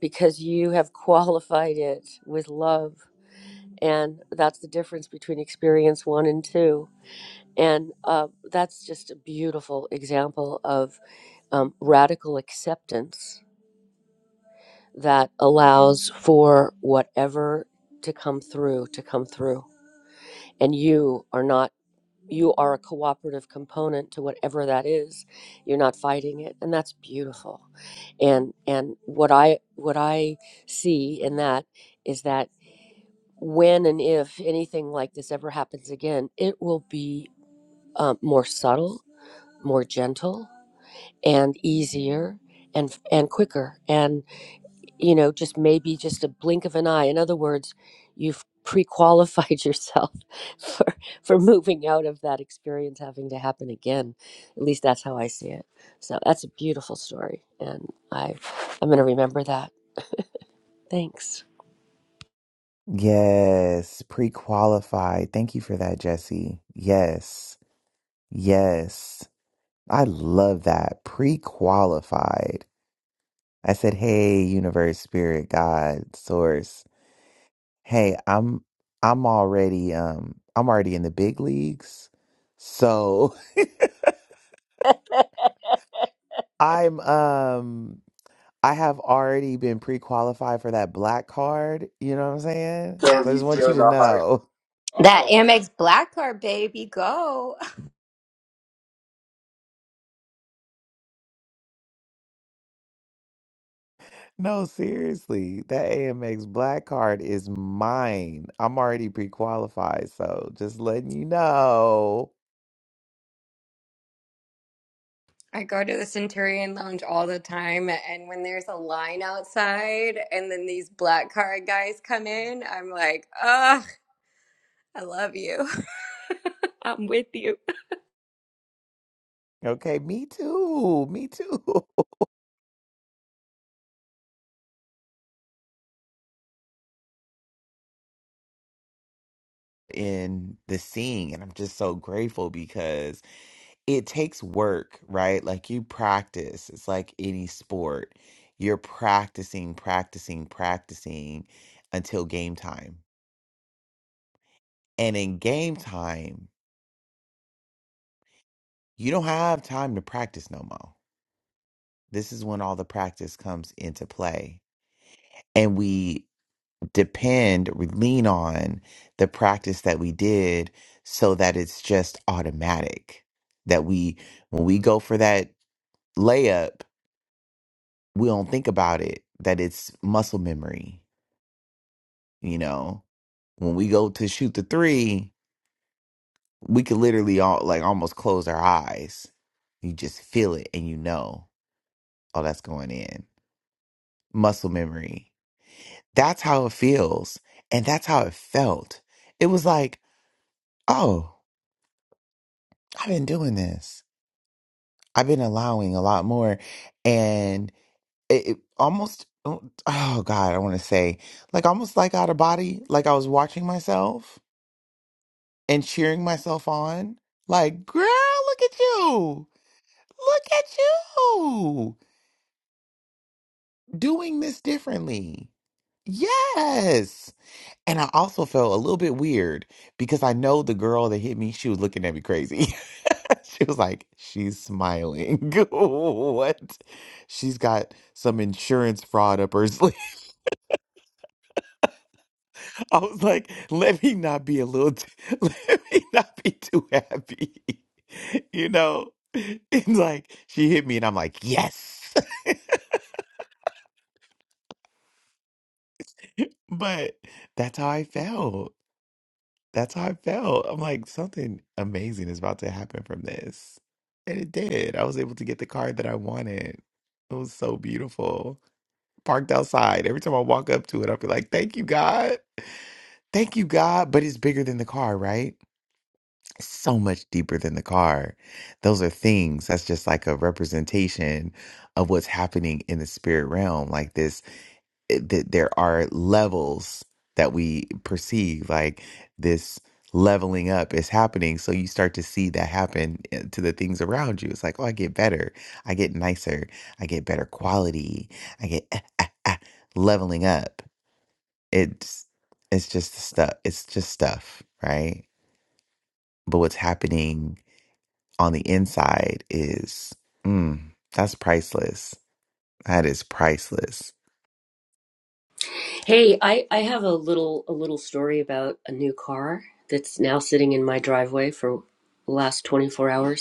E: because you have qualified it with love. And that's the difference between experience one and two. And uh, that's just a beautiful example of um, radical acceptance that allows for whatever to come through to come through and you are not you are a cooperative component to whatever that is you're not fighting it and that's beautiful and and what i what i see in that is that when and if anything like this ever happens again it will be um, more subtle more gentle and easier and and quicker and. you know, just maybe just a blink of an eye. In other words, you've pre-qualified yourself for for moving out of that experience having to happen again. At least that's how I see it. So that's a beautiful story, and I I'm going to remember that. Thanks.
A: Yes, pre qualified. Thank you for that, Jesse. Yes, yes. I love that. Pre qualified. I said, hey, universe, spirit, God, source. Hey, I'm I'm already um I'm already in the big leagues. So I'm um I have already been pre-qualified for that black card, you know what I'm saying?
D: Can
A: So I
D: we
A: just want you
D: feel
A: to
D: the heart?
A: know.
B: That Amex Black Card, baby, go.
A: No, seriously, that AMX black card is mine. I'm already pre-qualified, so just letting you know.
B: I go to the Centurion Lounge all the time, and when there's a line outside and then these Black Card guys come in, I'm like, ugh, I love you. I'm with you.
A: Okay, me too. Me too. in the scene and I'm just so grateful because it takes work, right? Like you practice. It's like any sport. You're practicing, practicing, practicing until game time. And in game time, you don't have time to practice no more. This is when all the practice comes into play. And we depend, we lean on the practice that we did so that it's just automatic. That we, when we go for that layup, we don't think about it that it's muscle memory. You know, when we go to shoot the three, we could literally all like almost close our eyes. You just feel it and you know, oh, that's going in. Muscle memory. That's how it feels. And that's how it felt. It was like, oh, I've been doing this. I've been allowing a lot more. And it, it almost, oh oh, God, I want to say, like almost like out of body, like I was watching myself and cheering myself on. Like, girl, look at you. Look at you doing this differently. Yes. And I also felt a little bit weird because I know the girl that hit me, she was looking at me crazy. she was like, she's smiling. what? She's got some insurance fraud up her sleeve. I was like, let me not be a little, t- let me not be too happy. You know? And like, she hit me and I'm like, yes. But that's how I felt. That's how I felt. I'm like, something amazing is about to happen from this. And it did. I was able to get the card that I wanted. It was so beautiful. Parked outside. Every time I walk up to it, I'll be like, thank you, God. Thank you, God. But it's bigger than the car, right? so much deeper than the car. Those are things. That's just like a representation of what's happening in the spirit realm. Like this, that there are levels that we perceive. Like this leveling up is happening. So you start to see that happen eh, to the things around you. It's like, oh, I get better. I get nicer. I get better quality. I get ah, ah, ah, leveling up. It's it's just stuff. It's just stuff, right? But what's happening? on the inside is, mm, that's priceless. That is priceless.
E: Hey, I I have a little a little story about a new car that's now sitting in my driveway for the last 24 hours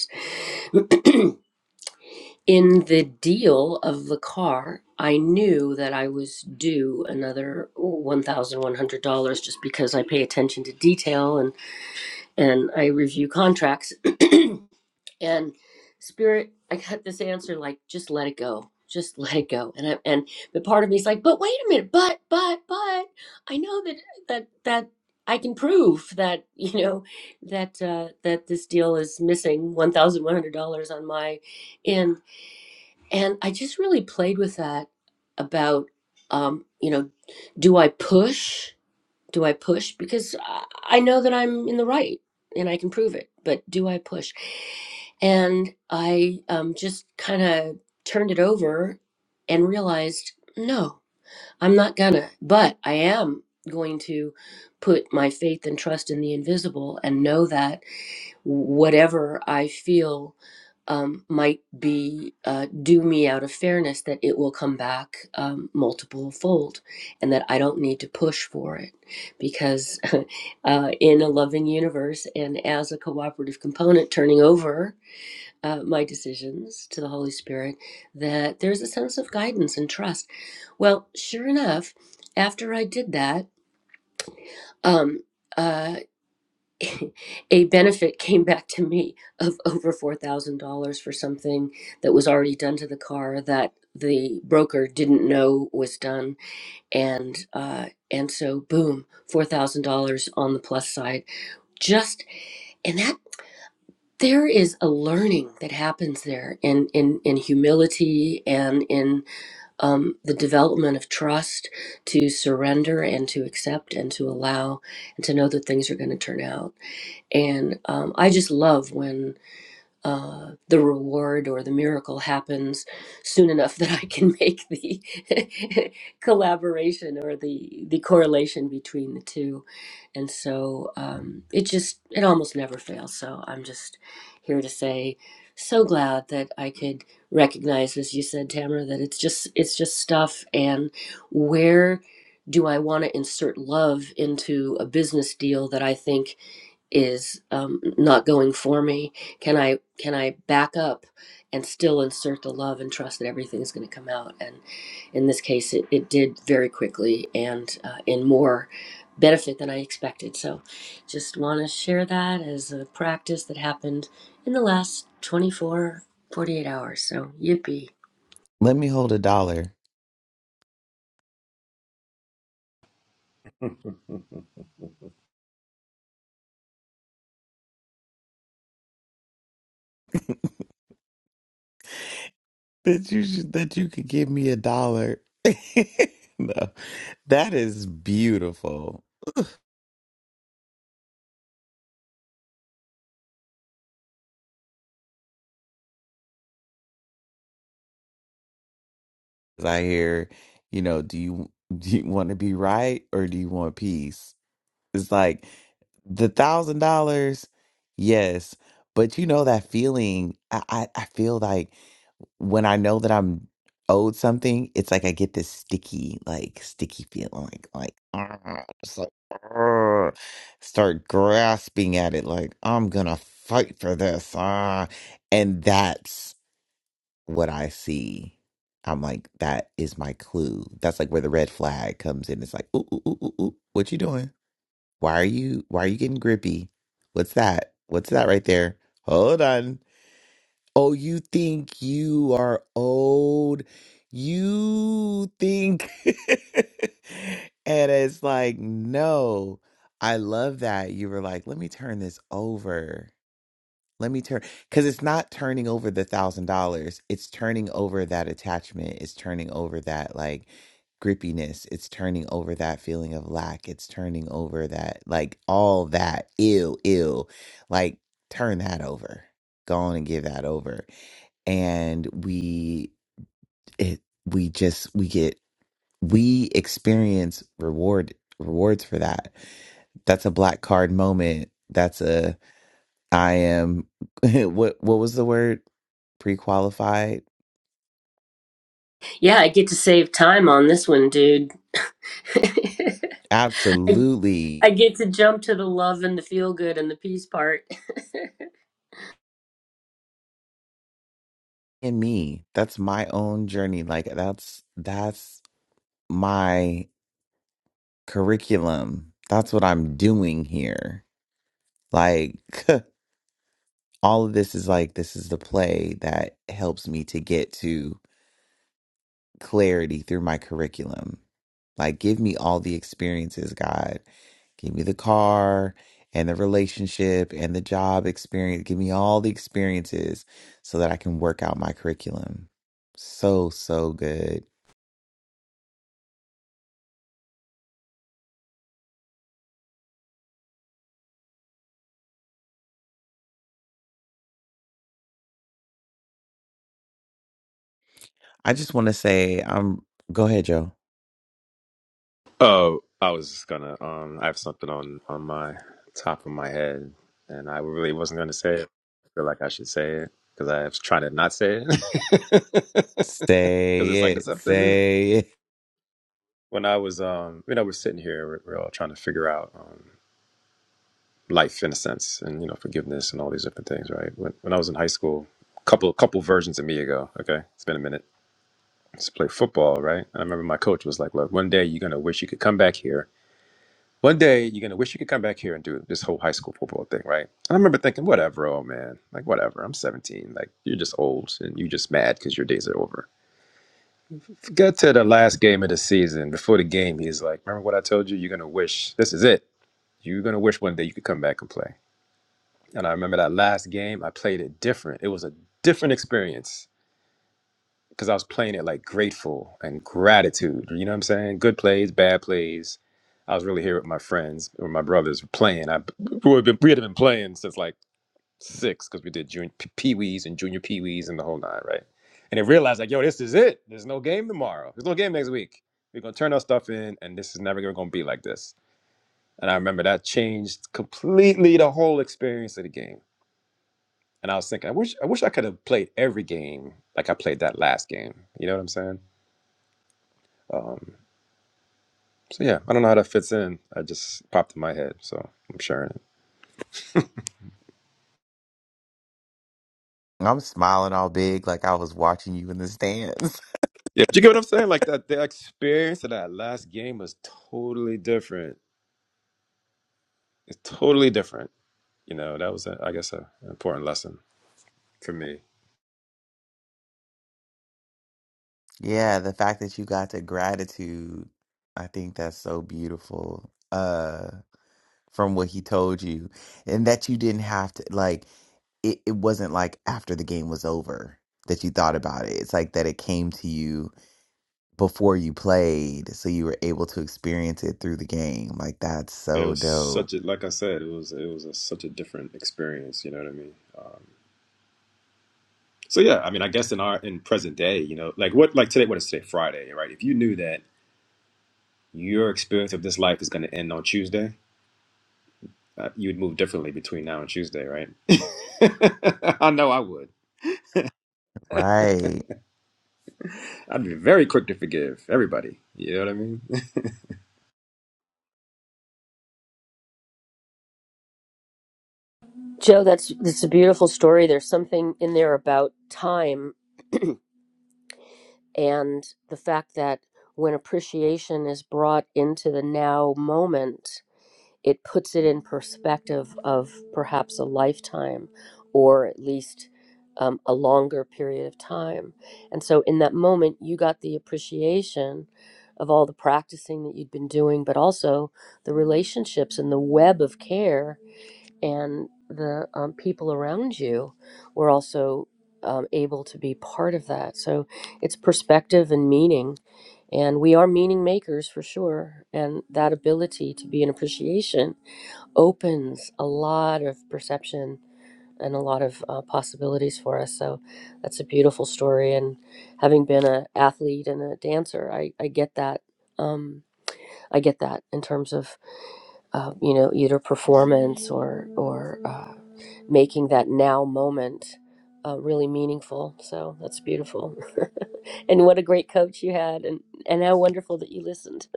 E: in the deal of the car, I knew that I was due another $1,100 just because I pay attention to detail and, and I review contracts. And Spirit, I got this answer like, just let it go. Just let it go. And I, and the part of me is like, but wait a minute, but, but, but I know that, that, that I can prove that, you know, that, uh, that this deal is missing $1,100 on my end and I just really played with that about, um, you know, do I push? Do I push? Because I I know that I'm in the right and I can prove it, but do I push? And I um, just kind of turned it over and realized no, I'm not gonna, but I am going to put my faith and trust in the invisible and know that whatever I feel um, might be uh, due me out of fairness, that it will come back um, multiple fold and that I don't need to push for it. Because uh, in a loving universe and as a cooperative component, turning over uh, my decisions to the Holy Spirit, that there's a sense of guidance and trust. Well, sure enough, after I did that, um, uh, a benefit came back to me of over $4,000 for something that was already done to the car that the broker didn't know was done and uh and so boom $4,000 on the plus side just and that there is a learning that happens there in in in humility and in um the development of trust to surrender and to accept and to allow and to know that things are going to turn out and um, I just love when uh, the reward or the miracle happens soon enough that I can make the collaboration or the, the correlation between the two. And so um, it just, it almost never fails. So I'm just here to say, so glad that I could recognize, as you said, Tamara, that it's just, it's just stuff. And where do I want to insert love into a business deal that I think is um, not going for me can i can i back up and still insert the love and trust that everything is going to come out and in this case it, it did very quickly and uh, in more benefit than i expected so just want to share that as a practice that happened in the last 24 48 hours so yippee
A: Let me hold a dollar
C: yeah.
A: that you should, that you could give me a dollar. no, that is beautiful. 'Cause I hear, you know, do you do you want to be right or do you want peace? It's like The thousand dollars, yes. But you know that feeling, I, I, I feel like when I know that I'm owed something, it's like I get this sticky, like sticky feeling, like like "Argh," just like "Argh," start grasping at it, like I'm gonna fight for this, ah, and that's what I see. I'm like, that is my clue. That's like where the red flag comes in. It's like, ooh, ooh, ooh, ooh, ooh, what you doing? Why are you why are you getting grippy? What's that? What's that right there? Hold on. Oh, you think you are old. You think and it's like, no. I love that. You were like, let me turn this over. Let me turn because it's not turning over the thousand dollars. It's turning over that attachment. It's turning over that like grippiness. It's turning over that feeling of lack. It's turning over that like all that ill, ill. Like turn that over. Go on and give that over. And we it we just we get we experience reward rewards for that. That's a black card moment. That's a I am what what was the word? Pre-qualified?
E: yeah i get to save time on this one dude I,
A: Absolutely.
E: I get to jump to the love and the feel good and the peace part
A: And me. That's my own journey. Like that's that's my curriculum. That's what I'm doing here. Like all of this is like this is the play that helps me to get to clarity through my curriculum. Like, give me all the experiences, God. Give me the car and the relationship and the job experience. Give me all the experiences so that I can work out my curriculum. So, so good. I just want to say, I'm, go ahead, Joe.
C: oh, I was just gonna. Um, I have something on on my top of my head, and I really wasn't gonna say it. I feel like I should say it because I was trying to not say it. Because it's
A: Say
C: like this
A: it.
C: up
A: Say it.
C: When I was, um, you know, we're sitting here, we're, we're all trying to figure out. um. life in a sense and you know forgiveness and all these different things right when, when i was in high school couple couple versions of me ago okay it's been a minute I used to play football right and i remember my coach was like look one day you're going to wish you could come back here one day you're going to wish you could come back here and do this whole high school football thing right and i remember thinking whatever oh man like whatever i'm 17 like you're just old and you're just mad because your days are over get to the last game of the season before the game he's like remember what i told you you're going to wish this is it you're going to wish one day you could come back and play And I remember that last game, I played it different. It was a different experience because I was playing it like grateful and gratitude. You know what I'm saying? Good plays, bad plays. I was really here with my friends or my brothers were playing. I we had been, we had been playing since like six because we did junior pee wees and junior pee wees and the whole nine, right? And they realized like, yo, this is it. There's no game tomorrow. There's no game next week. We're gonna turn our stuff in, and this is never gonna be like this. And I remember that changed completely the whole experience of the game And I was thinking, I wish I wish I could have played every game like I played that last game. You know what I'm saying? Um, so yeah, I don't know how that fits in. I just popped in my head, so I'm sharing it.
A: I'm smiling all big like I was watching you in the stands.
C: Yeah, but you get what I'm saying? Like that, the experience of that last game was totally different. It's totally different. You know, that was, a, I guess, a, an important lesson for me.
A: yeah, the fact that you got to gratitude, I think that's so beautiful. Uh from what he told you and that you didn't have to like it, it wasn't like after the game was over that you thought about it it's like that it came to you before you played so you were able to experience it through the game like that's
C: And it
A: so
C: was
A: dope
C: such a, like I said, it was it was a, such a different experience. You know what I mean? Um, so yeah, I mean, I guess in our in present day, you know, like what, like today, what is today? Friday, right? If you knew that your experience of this life is going to end on Tuesday, uh, you would move differently between now and Tuesday, right? I know I would.
A: right
C: I'd be very quick to forgive everybody. You know what I mean?
E: Joe, that's that's a beautiful story. There's something in there about time and the fact that when appreciation is brought into the now moment, it puts it in perspective of perhaps a lifetime or at least um, a longer period of time. And so, in that moment, you got the appreciation of all the practicing that you'd been doing, but also the relationships and the web of care and the um, people around you were also um, able to be part of that. So it's perspective and meaning. And we are meaning makers for sure. And that ability to be an appreciation opens a lot of perception and a lot of uh, possibilities for us. So that's a beautiful story. And having been an athlete and a dancer, I, I get that. Um, I get that in terms of, uh, you know, either performance or, or, uh, making that now moment uh, really meaningful. So that's beautiful. and what a great coach you had, and, and how wonderful that you listened.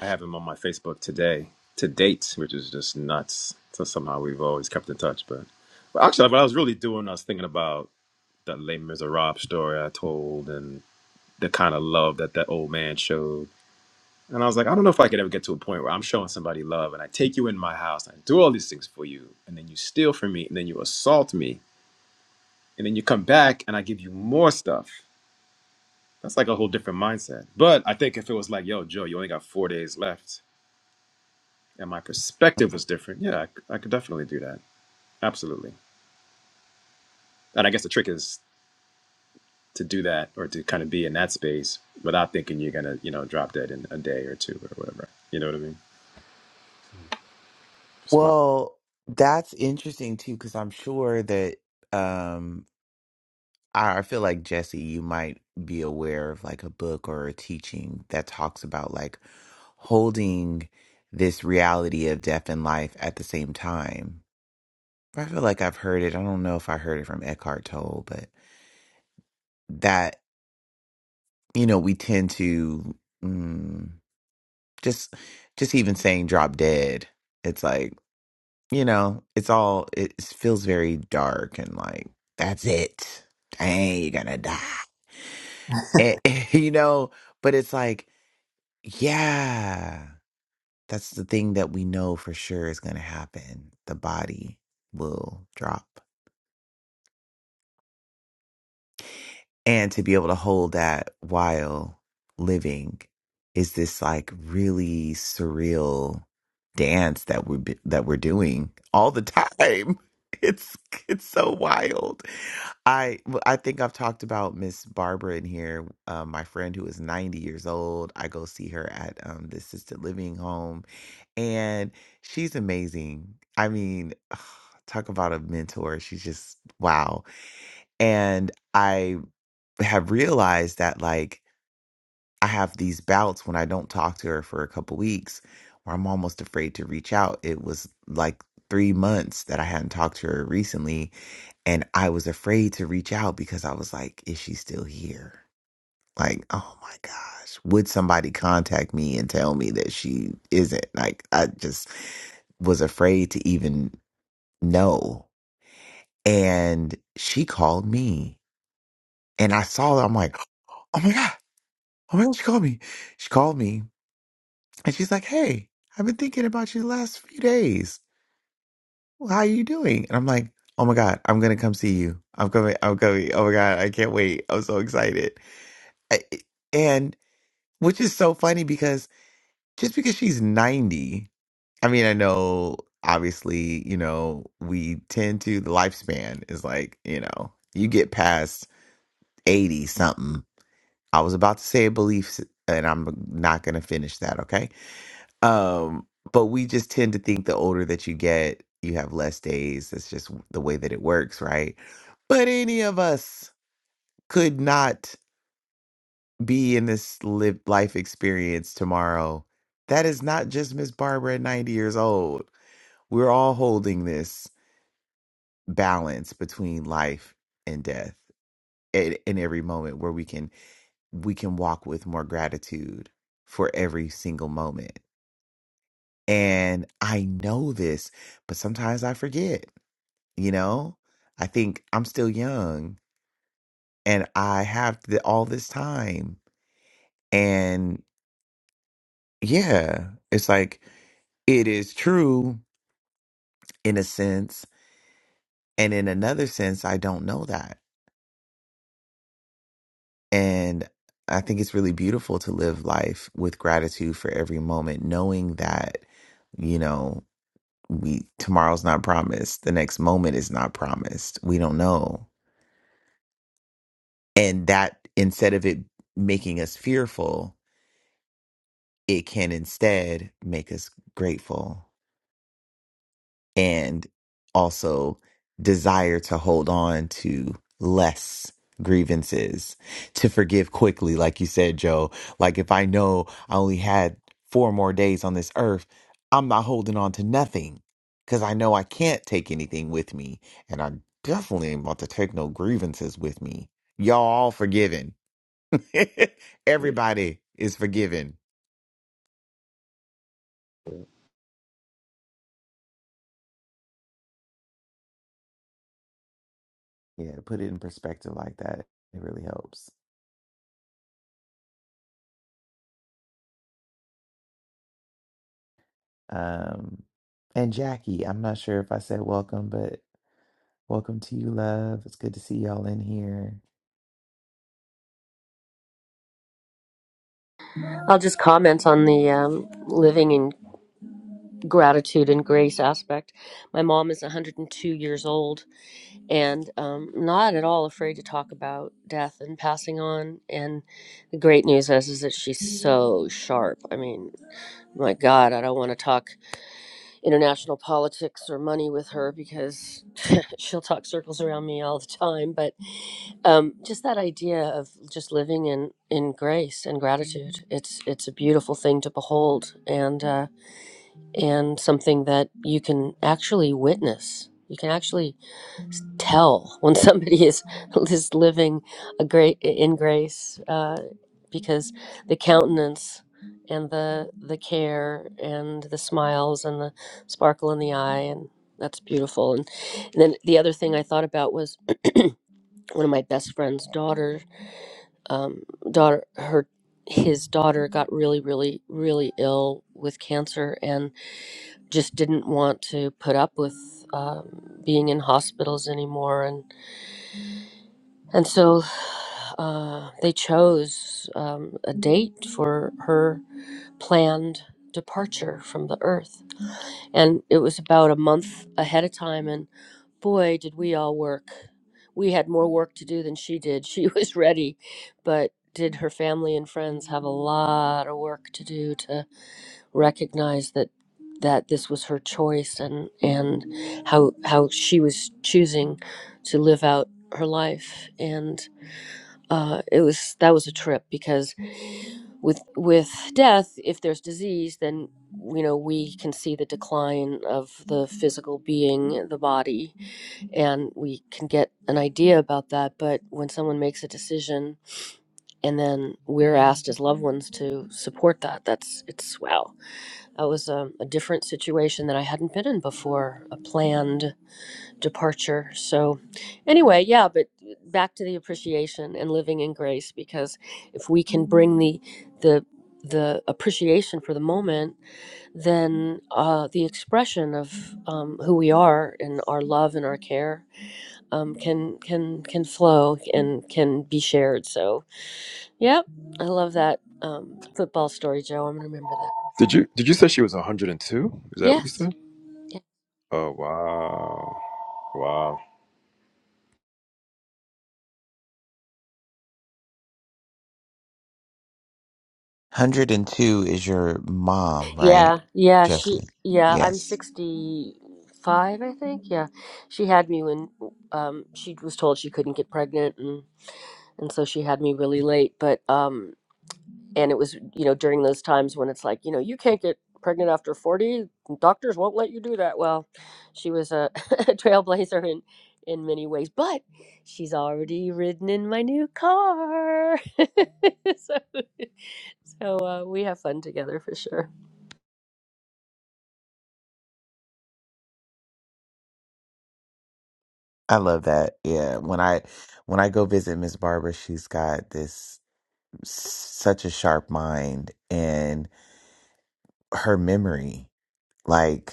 C: I have him on my Facebook today, to date, which is just nuts. So somehow we've always kept in touch. But, but actually, what I was really doing, I was thinking about that Les Miserables story I told and the kind of love that that old man showed And I was like, I don't know if I could ever get to a point where I'm showing somebody love and I take you in my house, and I do all these things for you, and then you steal from me, and then you assault me, and then you come back and I give you more stuff. That's like a whole different mindset. But I think if it was like, yo, Joe, you only got four days left, and my perspective was different, yeah, I, c- I could definitely do that. Absolutely. And I guess the trick is to do that or to kind of be in that space without thinking you're going to, you know, drop dead in a day or two or whatever. You know what I mean? Smart.
A: well that's interesting too because i'm sure that um I I feel like Jesse, you might be aware of like a book or a teaching that talks about like holding this reality of death and life at the same time. I feel like I've heard it. I don't know if I heard it from Eckhart Tolle, but that you know we tend to mm, just just even saying drop dead. It's like you know it's all it it feels very dark and like that's it. Dang, you're gonna die. Eh, you know, but it's like Yeah. That's the thing that we know for sure is going to happen. The body will drop. and to be able to hold that while living is this like really surreal dance that we're be- that we're doing all the time it's it's so wild i w- i think i've talked about miss barbara in here um, my friend who is 90 years old i go see her at um, the assisted living home and she's amazing i mean talk about a mentor she's just wow and i have realized that like I have these bouts when I don't talk to her for a couple weeks where I'm almost afraid to reach out. It was like three months that I hadn't talked to her recently, and I was afraid to reach out because I was like, is she still here? Like, oh my gosh, would somebody contact me and tell me that she isn't? Like, I just was afraid to even know. And she called me and I saw her. I'm like, oh my God Oh my God, she called me. She called me and she's like, Hey, I've been thinking about you the last few days. Well, How are you doing? And I'm like, Oh my God, I'm gonna come see you. I'm coming, I'm coming. Oh my God, I can't wait. I'm so excited. I, and which is so funny because just because she's 90, I mean, I know obviously, you know, we tend to, the lifespan is like, you know, you get past 80 something. I was about to say a belief, s- and I'm not gonna finish that, okay? Um, but we just tend to think the older that you get, you have less days. That's just w- the way that it works, right? But any of us could not be in this live life experience tomorrow. That is not just Miss Barbara at 90 years old. We're all holding this balance between life and death in, in every moment where we can we can walk with more gratitude for every single moment. And I know this, but sometimes I forget. you know i think i'm still young and i have the, all this time and yeah it's like it is true in a sense and in another sense i don't know that and i think it's really beautiful to live life with gratitude for every moment knowing that you know we tomorrow's not promised the next moment is not promised we don't know and that instead of it making us fearful it can instead make us grateful and also desire to hold on to less grievances, to forgive quickly, like you said, Joe. Like if I know I only had four more days on this earth, I'm not holding on to nothing because I know I can't take anything with me. And I definitely ain't about to take no grievances with me. Y'all all forgiven.
C: Yeah.
A: Everybody is forgiven Yeah, to put it in perspective like that, it really helps. Um, and Jackie, I'm not sure if I said welcome, but welcome to you, love. It's good to see y'all in here.
E: I'll just comment on the um, living in gratitude and grace aspect. My mom is 102 years old and um, not at all afraid to talk about death and passing on. And the great news is, is that she's so sharp. I mean, my God, I don't want to talk. international politics or money with her because she'll talk circles around me all the time but um, just that idea of just living in in grace and gratitude it's it's a beautiful thing to behold and uh, and something that you can actually witness you can actually tell when somebody is is living a great in grace uh, because the countenance and the the care and the smiles and the sparkle in the eye and that's beautiful and, and then the other thing I thought about was one of my best friend's daughter um, daughter her his daughter got really really really ill with cancer and just didn't want to put up with um, being in hospitals anymore and. And so uh, they chose um, a date for her planned departure from the earth. And it was about a month ahead of time. And boy, did we all work. We had more work to do than she did. She was ready, but did her family and friends have a lot of work to do to recognize that that this was her choice and and how how she was choosing to live out her life and uh, it was that was a trip because with with death, if there's disease, then you know we can see the decline of the physical being, the body, and we can get an idea about that. But when someone makes a decision, and then we're asked as loved ones to support that, that's it's wow. That was a, a different situation that I hadn't been in before, a planned departure. So, anyway, yeah, but back to the appreciation and living in grace because if we can bring the the the appreciation for the moment, then uh, the expression of um, who we are and our love and our care um, can can can flow and can be shared. So, yeah, I love that um, football story, Joe. I'm gonna remember that.
C: Did you did you say she was 102? Is that what you said?
E: Yes.
C: Oh wow, wow.
A: 102 is your mom,
E: Yeah,
A: right,
E: yeah, she,
A: Jesse?
E: yeah, I'm
A: Yes.
E: 65, I think. Yeah, she had me when um, she was told she couldn't get pregnant, and and so she had me really late. But um, and it was you know during those times when it's like you know you can't get pregnant after 40, doctors won't let you do that. Well, she was a trailblazer in in many ways, but she's already ridden in my new car, so so uh, we have fun together for sure.
A: I love that. Yeah. When I when I go visit Miss Barbara, she's got this such a sharp mind and her memory. Like,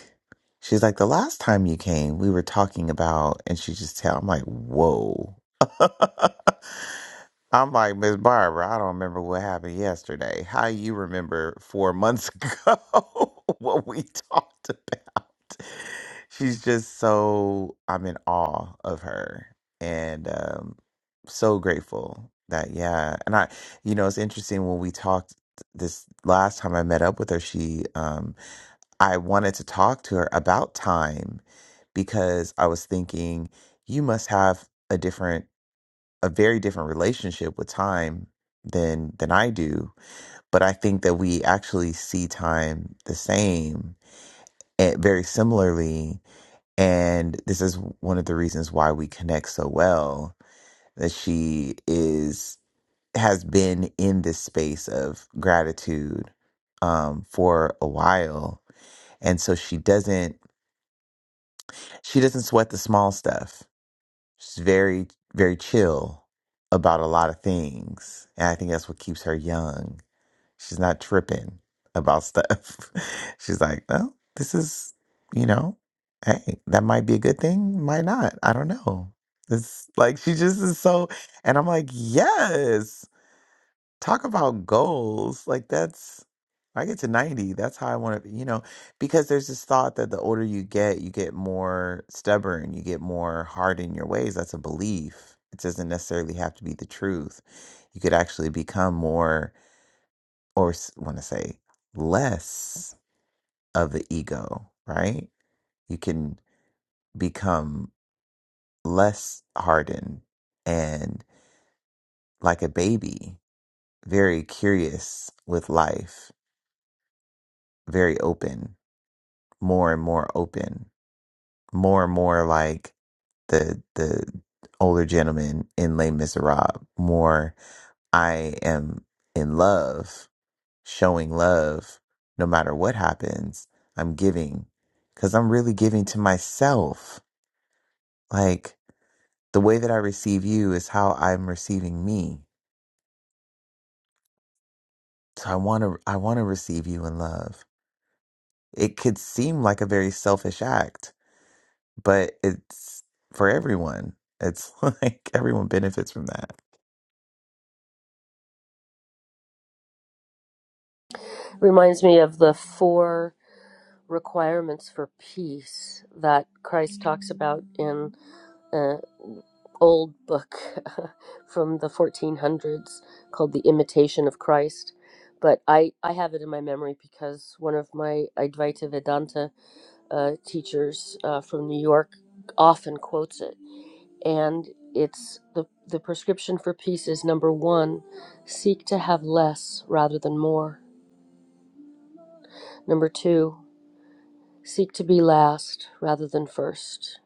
A: she's like, the last time you came, we were talking about, and she just tell, I'm like, whoa. I'm like, Miss Barbara, I don't remember what happened yesterday. How you remember four months ago what we talked about? She's just so, I'm in awe of her and um, so grateful that, yeah. And I, you know, it's interesting when we talked this last time I met up with her, she, um, I wanted to talk to her about time because I was thinking you must have a different a very different relationship with time than than I do, but I think that we actually see time the same and very similarly and this is one of the reasons why we connect so well that she is has been in this space of gratitude um for a while and so she doesn't She doesn't sweat the small stuff. She's very, very chill about a lot of things. And I think that's what keeps her young. She's not tripping about stuff. She's like, well, this is, you know, hey, that might be a good thing, might not. I don't know. It's like she just is so, and I'm like, yes talk about goals like that's i get to 90 that's how i want to be, you know because there's this thought that the older you get you get more stubborn you get more hard in your ways that's a belief it doesn't necessarily have to be the truth you could actually become more or want to say less of the ego right you can become less hardened and like a baby very curious with life very open more and more open, more and more like the the older gentleman in Les Miserables. More, I am in love, showing love, no matter what happens. I'm giving, because I'm really giving to myself. Like the way that I receive you is how I'm receiving me. So I want to, I want to receive you in love. It could seem like a very selfish act, but it's for everyone. It's like everyone benefits from that.
E: Reminds me of the four requirements for peace that Christ talks about in an old book from the 1400s called The Imitation of Christ. But I, I have it in my memory because one of my Advaita Vedanta uh, teachers uh, from New York often quotes it. And it's the, the prescription for peace is number one, seek to have less rather than more. Number two, Seek to be last rather than first.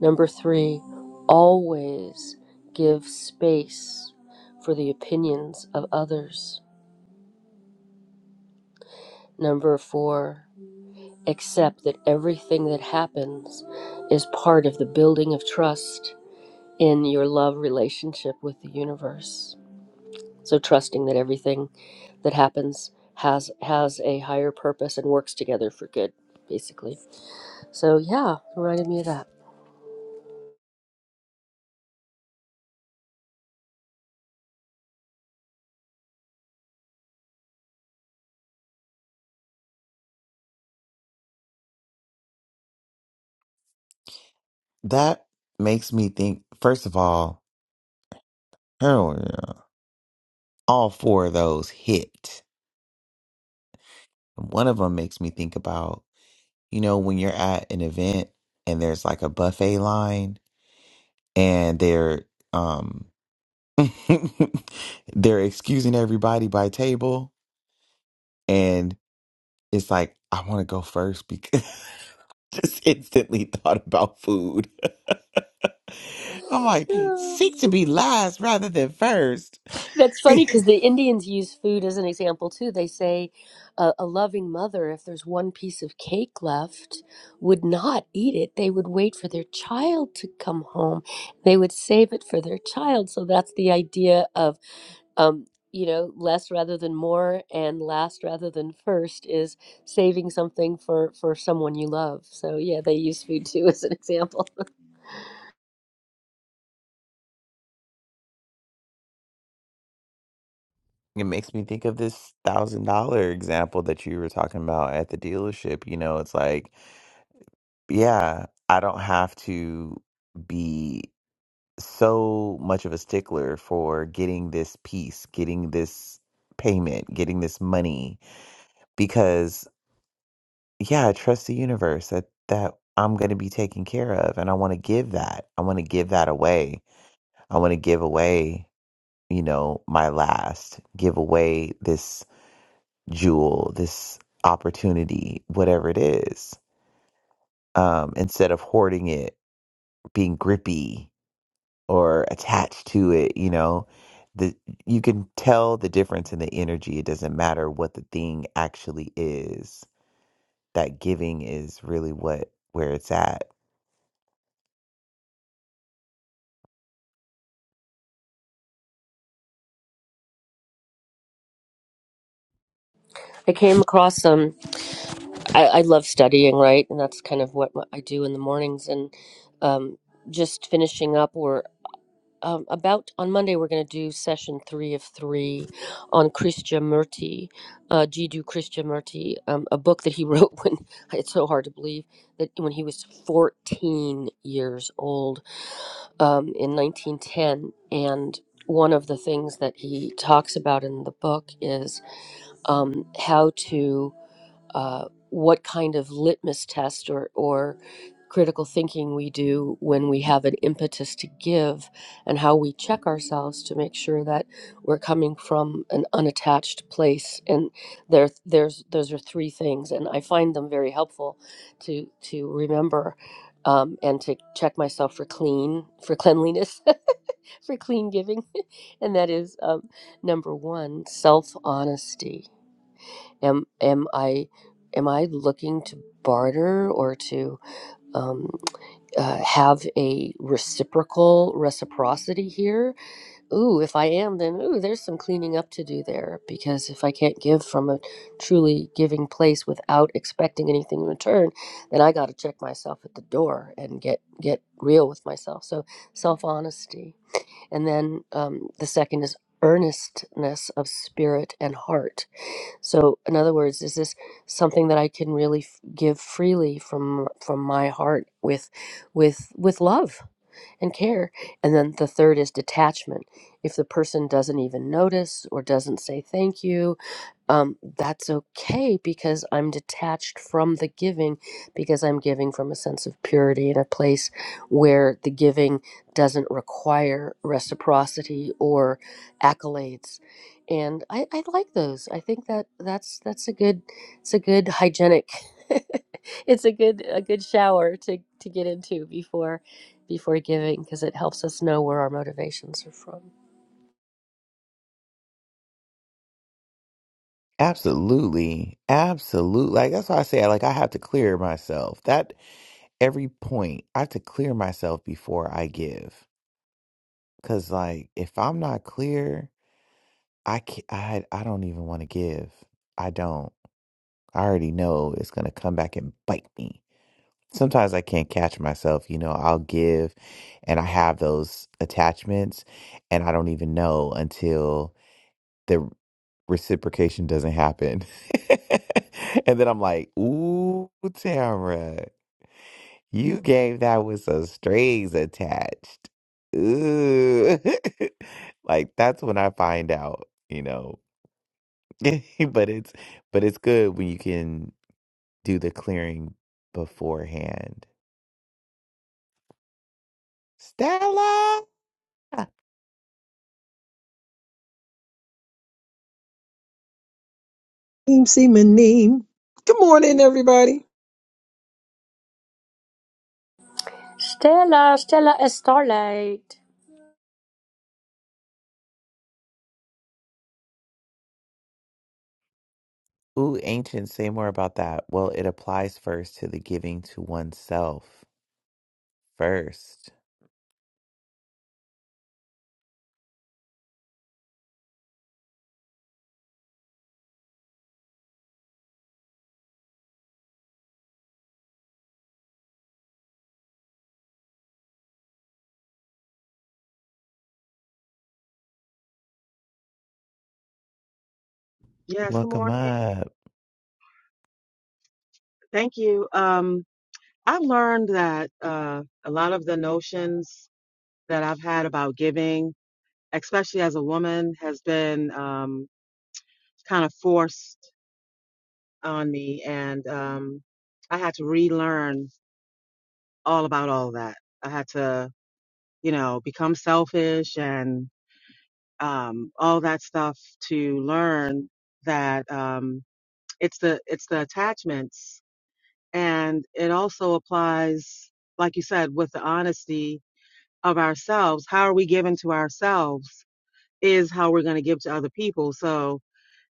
E: Number three, always give space for the opinions of others. Number four, accept that everything that happens is part of the building of trust in your love relationship with the universe. So, trusting that everything that happens has has a higher purpose and works together for good, basically. So, yeah, reminded me of that.
A: That makes me think, first of all, oh, yeah, all four of those hit. One of them makes me think about, you know, when you're at an event and there's like a buffet line and they're, um, they're excusing everybody by table and it's like, I want to go first because just instantly thought about food. I'm like,
E: Yeah.
A: seek to be last rather than first.
E: That's
A: it
E: funny because the Indians use food as an example too. They say uh, a loving mother, if there's one piece of cake left, would not eat it. They would wait for their child to come home. They would save it for their child. So that's the idea of, um, you know, less rather than more and last rather than first is saving something for for someone you love. So yeah, they use food too as an example.
A: makes me think of this thousand dollar example that you were talking about at the dealership. You know, it's like, yeah, I don't have to be so much of a stickler for getting this piece, getting this payment, getting this money because yeah, I trust the universe that that I'm going to be taken care of and I want to give that. I want to give that away. I want to give away, you know, my last, give away this jewel, this opportunity, whatever it is. Um instead of hoarding it, being grippy or attached to it, you know, the you can tell the difference in the energy. It doesn't matter what the thing actually is. That giving is really what where it's at
E: I came across some. I, I love studying, right? And that's kind of what I do in the mornings. And um, just finishing up, we're um, about on Monday, we're going to do session three of three on Krishnamurti, uh, Jiddu Krishnamurti, um, a book that he wrote when it's so hard to believe that when he was 14 years old um, in 1910. And one of the things that he talks about in the book is um, how to uh, what kind of litmus test or, or critical thinking we do when we have an impetus to give and how we check ourselves to make sure that we're coming from an unattached place and there there's those are three things and I find them very helpful to to remember um, and to check myself for clean for cleanliness for clean giving and that is um, number one self honesty am am I am I looking to barter or to um, uh, have a reciprocal reciprocity here? Ooh, if I am, then ooh, there's some cleaning up to do there because if I can't give from a truly giving place without expecting anything in return, then I got to check myself at the door and get get real with myself. So self honesty, and then um, the second is earnestness of spirit and heart so, in other words, is this something that I can really f- give freely from from my heart with with with love? and care. And then the third is detachment. If the person doesn't even notice or doesn't say thank you, um, that's okay because I'm detached from the giving because I'm giving from a sense of purity in a place where the giving doesn't require reciprocity or accolades. And I, I like those. I think that that's that's a good it's a good hygienic it's a good a good shower to to get into before before giving because it helps us know where our motivations are from.
A: Absolutely. Absolutely. Like that's why I say like I have to clear myself. That every point, I have to clear myself before I give. Cause like if I'm not clear, I can I I don't even want to give. I don't. I already know it's gonna come back and bite me. Sometimes I can't catch myself, you know, I'll give and I have those attachments and I don't even know until the reciprocation doesn't happen. and then I'm like, ooh, Tamara, you gave that with some strings attached. Ooh. like that's when I find out, you know. but it's but it's good when you can do the clearing beforehand. Stella.
F: Team Seaman Neem. Good morning, everybody.
E: Stella, Stella, is starlight.
A: Ooh, ancient, say more about that. Well, it applies first to the giving to oneself first.
G: Yes, good
A: Welcome
G: morning.
A: up.
G: Thank you. Um, I've learned that uh, a lot of the notions that I've had about giving, especially as a woman, has been um, kind of forced on me, and um, I had to relearn all about all that. I had to, you know, become selfish and um, all that stuff to learn that um, it's the it's the attachments And it also applies, like you said, with the honesty of ourselves. How are we giving to ourselves is how we're going to give to other people. So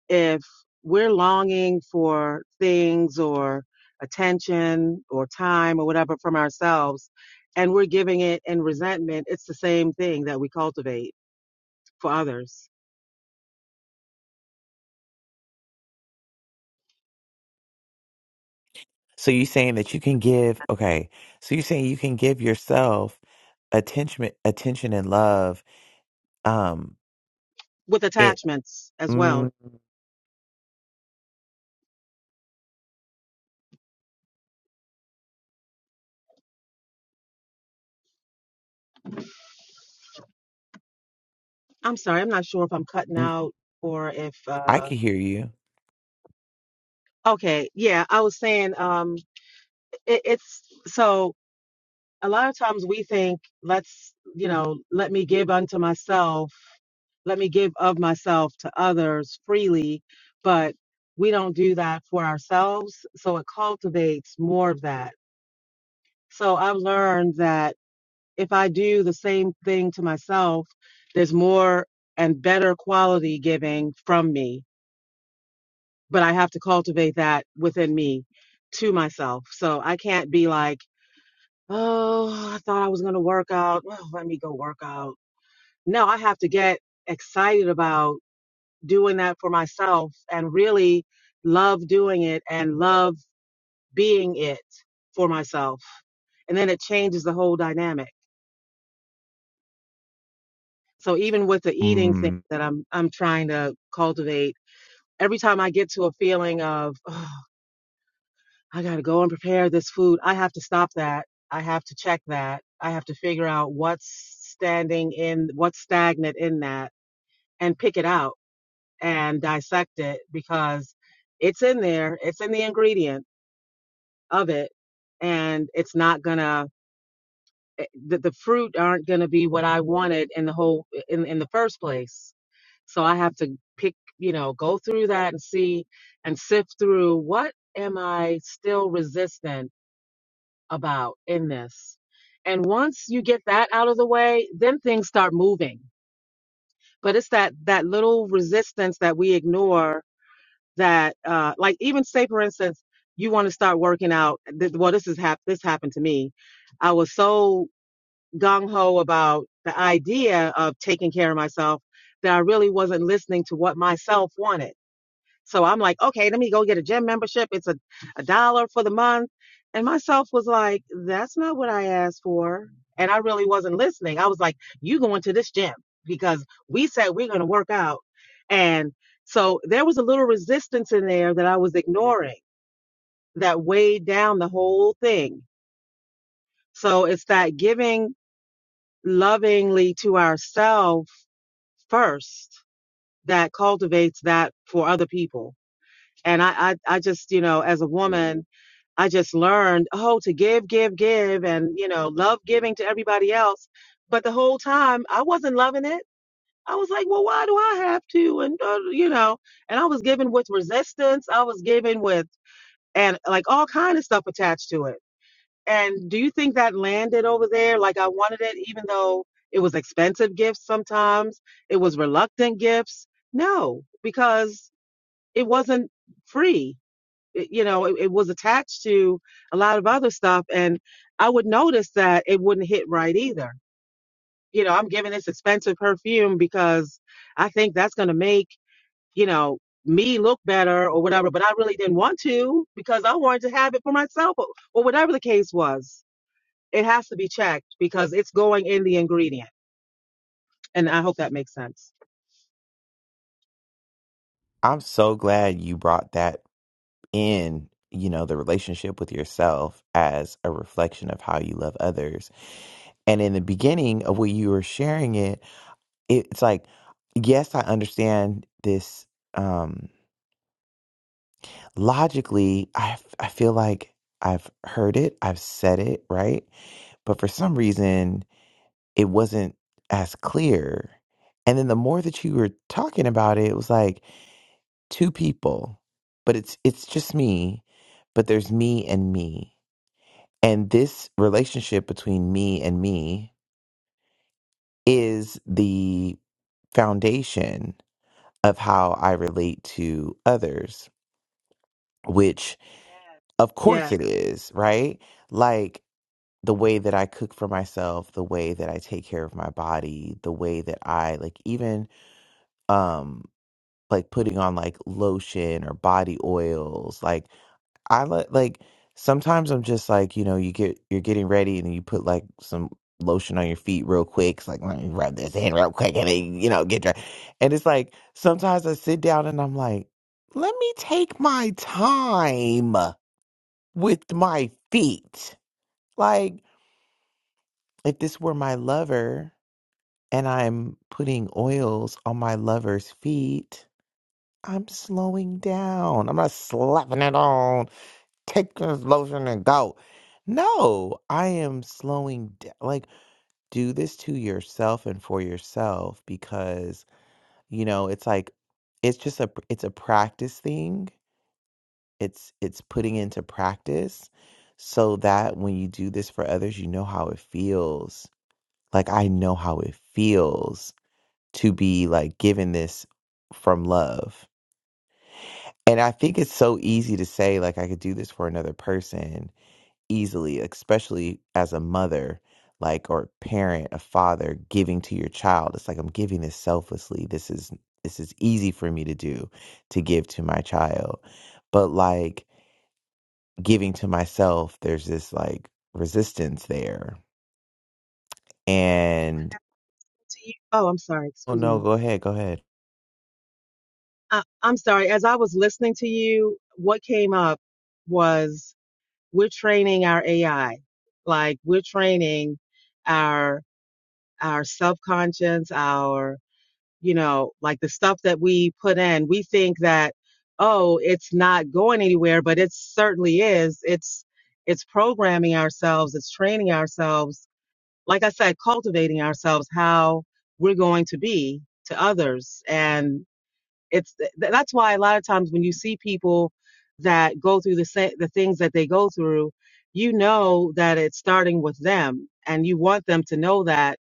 G: if we're longing for things or attention or time or whatever from ourselves, and we're giving it in resentment, it's the same thing that we cultivate for others
A: So you're saying that you can give, okay. So you're saying you can give yourself attention, attention and love. Um,
G: with
A: it,
G: attachments as well.
A: mm,
G: I'm sorry, I'm not sure if I'm cutting
A: mm,
G: out or if,
A: I
G: uh,
A: can hear you.
G: okay, yeah, I was saying, um, it, it's so a lot of times we think let's you know let me give unto myself let me give of myself to others freely but we don't do that for ourselves so it cultivates more of that so i've learned that if i do the same thing to myself there's more and better quality giving from me but i have to cultivate that within me to myself so i can't be like Oh, I thought I was going to work out. Oh, let me go work out. No, I have to get excited about doing that for myself and really love doing it and love being it for myself. And then it changes the whole dynamic. So even with the eating thing
A: Mm,
G: that I'm I'm trying to cultivate, every time I get to a feeling of oh, I got to go and prepare this food, I have to stop that. I have to check that. I have to figure out what's standing in what's stagnant in that and pick it out and dissect it because it's in there, it's in the ingredient of it, and it's not gonna eh, the, the fruit aren't gonna be what I wanted in the whole in in the first place. So I have to pick, you know, go through that and see and sift through what am I still resistant about in this. And once you get that out of the way, then things start moving. But it's that that little resistance that we ignore that uh like even say for instance you want to start working out th- well this is hap- this happened to me i was so gung-ho about the idea of taking care of myself that i really wasn't listening to what myself wanted so I'm like, okay, let me go get a gym membership. It's a, a dollar for the month. And myself was like, that's not what I asked for. And I really wasn't listening. I was like, you going to this gym because we said we're going to work out. And so there was a little resistance in there that I was ignoring that weighed down the whole thing. So it's that giving lovingly to ourselves first that cultivates that for other people. And I, I, I just, you know, as a woman, I just learned, oh, to give, give, give, and, you know, love giving to everybody else. But the whole time I wasn't loving it. I was like, well, why do I have to? And, uh, you know, and I was given with resistance. I was given with, and like all kind of stuff attached to it. And do you think that landed over there? Like I wanted it, even though it was expensive gifts sometimes, it was reluctant gifts. No, because it wasn't free it- you know, it, it was attached to a lot of other stuff. And I would notice that it wouldn't hit right either. You know, I'm giving this expensive perfume because I think that's going to make, you know, me look better or whatever. But I really didn't want to because I wanted to have it for myself or, or whatever the case was. It has to be checked because it's going in the ingredient. And I hope that makes sense.
A: I'm so glad you brought that in, you know, the relationship with yourself as a reflection of how you love others. And in the beginning of when you were sharing it, it it's like, yes, I understand this. Um. logically, I, f- I feel like I've heard it, I've said it, right? But for some reason, it wasn't as clear. And then the more that you were talking about it, it was like two people, but it's it's just me, but there's me and me. And this relationship between me and me is the foundation of how I relate to others, which
G: Yes.
A: of course
G: Yes.
A: it is, right? Like the way that I cook for myself, the way that I take care of my body, the way that I like even um like putting on like lotion or body oils. Like I let like sometimes I'm just like, you know, you get you're getting ready and then you put like some lotion on your feet real quick. It's like, let me rub this in real quick and then, you know, get dry. And it's like sometimes I sit down and I'm like, let me take my time with my feet. Like if this were my lover and I'm putting oils on my lover's feet, I'm slowing down. I'm not slapping it on, take this lotion and go. No, I am slowing down. Like, do this to yourself and for yourself because, you know, it's like, it's just a, it's a practice thing. It's, it's putting into practice so that when you do this for others, you know how it feels. Like, I know how it feels to be like given this from love. And I think it's so easy to say, like, I could do this for another person easily, especially as a mother, like, or parent, a father giving to your child. It's like, I'm giving this selflessly. This is, this is easy for me to do, to give to my child. But like, giving to myself, there's this like resistance there.
G: You know,
A: And,
G: as to you- Oh, I'm sorry.
A: oh
G: Excuse
A: no,
G: me.
A: go ahead, go ahead.
G: I, I'm sorry. As I was listening to you, what came up was we're training our AI. Like we're training our our subconscious, our you know, like the stuff that we put in, we think that, oh, it's not going anywhere, but it certainly is. It's it's programming ourselves, it's training ourselves, like I said, cultivating ourselves how we're going to be to others. And it's th- that's why a lot of times when you see people that go through the sa- the things that they go through, you know that it's starting with them and you want them to know that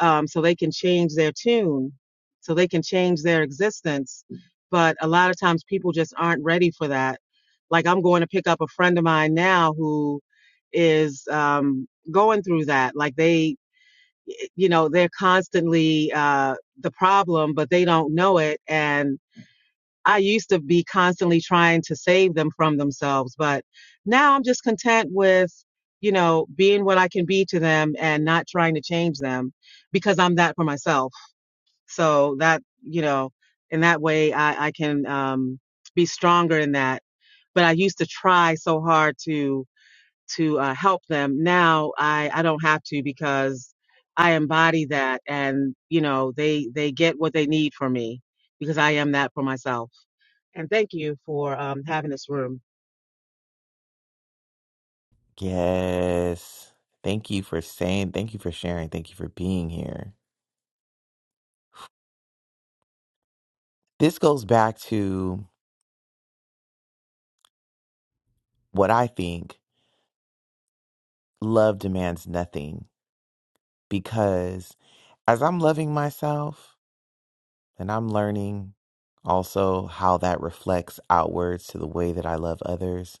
G: um, so they can change their tune, so they can change their existence. But a lot of times people just aren't ready for that. Like I'm going to pick up a friend of mine now who is um, going through that. Like they, you know, they're constantly uh, the problem, but they don't know it. And I used to be constantly trying to save them from themselves, but now I'm just content with, you know, being what I can be to them and not trying to change them because I'm that for myself. So that, you know, in that way I, I can um, be stronger in that. But I used to try so hard to to uh, help them. Now I, I don't have to because I embody that and, you know, they they get what they need from me because I am that for myself and thank you for um, having this room.
A: Yes. Thank you for saying, thank you for sharing, thank you for being here. This goes back to what I think love demands nothing because as I'm loving myself and I'm learning also how that reflects outwards to the way that I love others.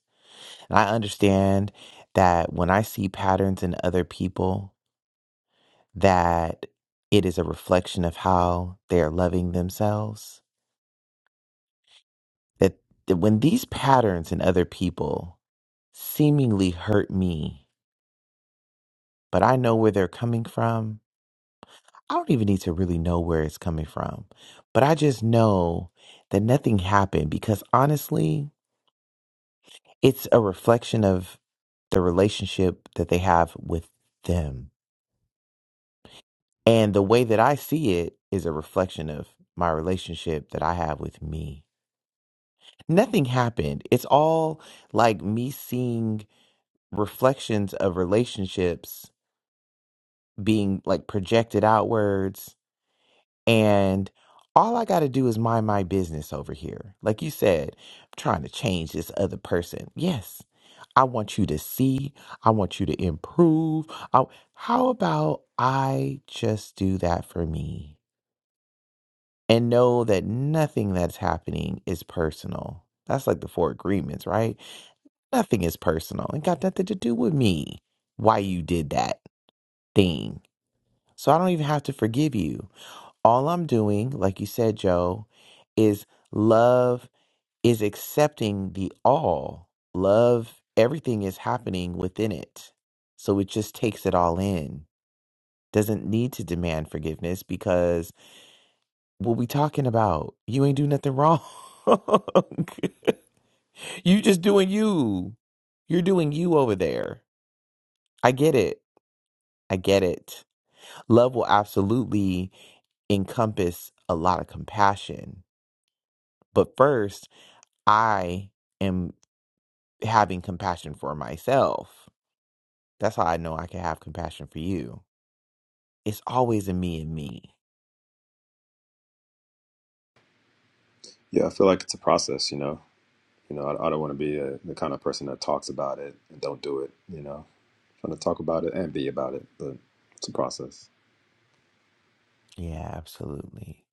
A: And I understand that when I see patterns in other people that it is a reflection of how they're loving themselves. that that when these patterns in other people seemingly hurt me, but I know where they're coming from, I don't even need to really know where it's coming from. But I just know that nothing happened because honestly, it's a reflection of the relationship that they have with them. And the way that I see it is a reflection of my relationship that I have with me. Nothing happened. It's all like me seeing reflections of relationships being like projected outwards and all I got to do is mind my business over here. Like you said, I'm trying to change this other person. Yes. I want you to see, I want you to improve. I, how about I just do that for me and know that nothing that's happening is personal. That's like the four agreements, right? Nothing is personal. It got nothing to do with me. Why you did that thing. So I don't even have to forgive you. all I'm doing, like you said, Joe, is love is accepting the all. Love, everything is happening within it. So it just takes it all in. Doesn't need to demand forgiveness because what we talking about? You ain't do nothing wrong. you just doing you. You're doing you over there. I get it. I get it. Love will absolutely encompass a lot of compassion. But first, I am having compassion for myself. That's how I know I can have compassion for you. It's always a me and me.
C: Yeah, I feel like it's a process. You know, you know, I, I don't want to be a, the kind of person that talks about it and don't do it. You know, trying to talk about it and be about it, but it's a process.
A: Yeah, absolutely.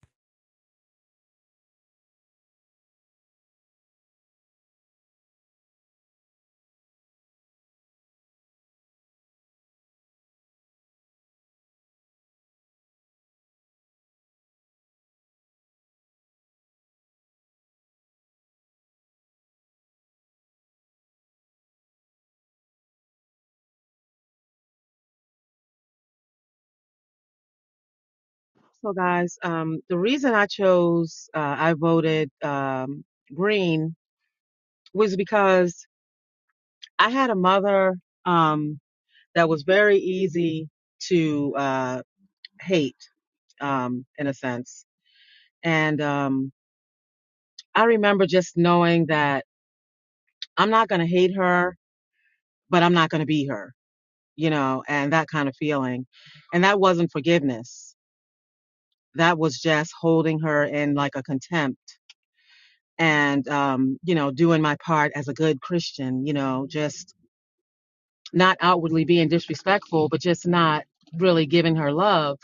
G: So, guys, um, the reason I chose, uh, I voted um, green was because I had a mother um, that was very easy to uh, hate, um, in a sense. And um, I remember just knowing that I'm not going to hate her, but I'm not going to be her, you know, and that kind of feeling. And that wasn't forgiveness, that was just holding her in like a contempt and um, you know doing my part as a good christian you know just not outwardly being disrespectful but just not really giving her love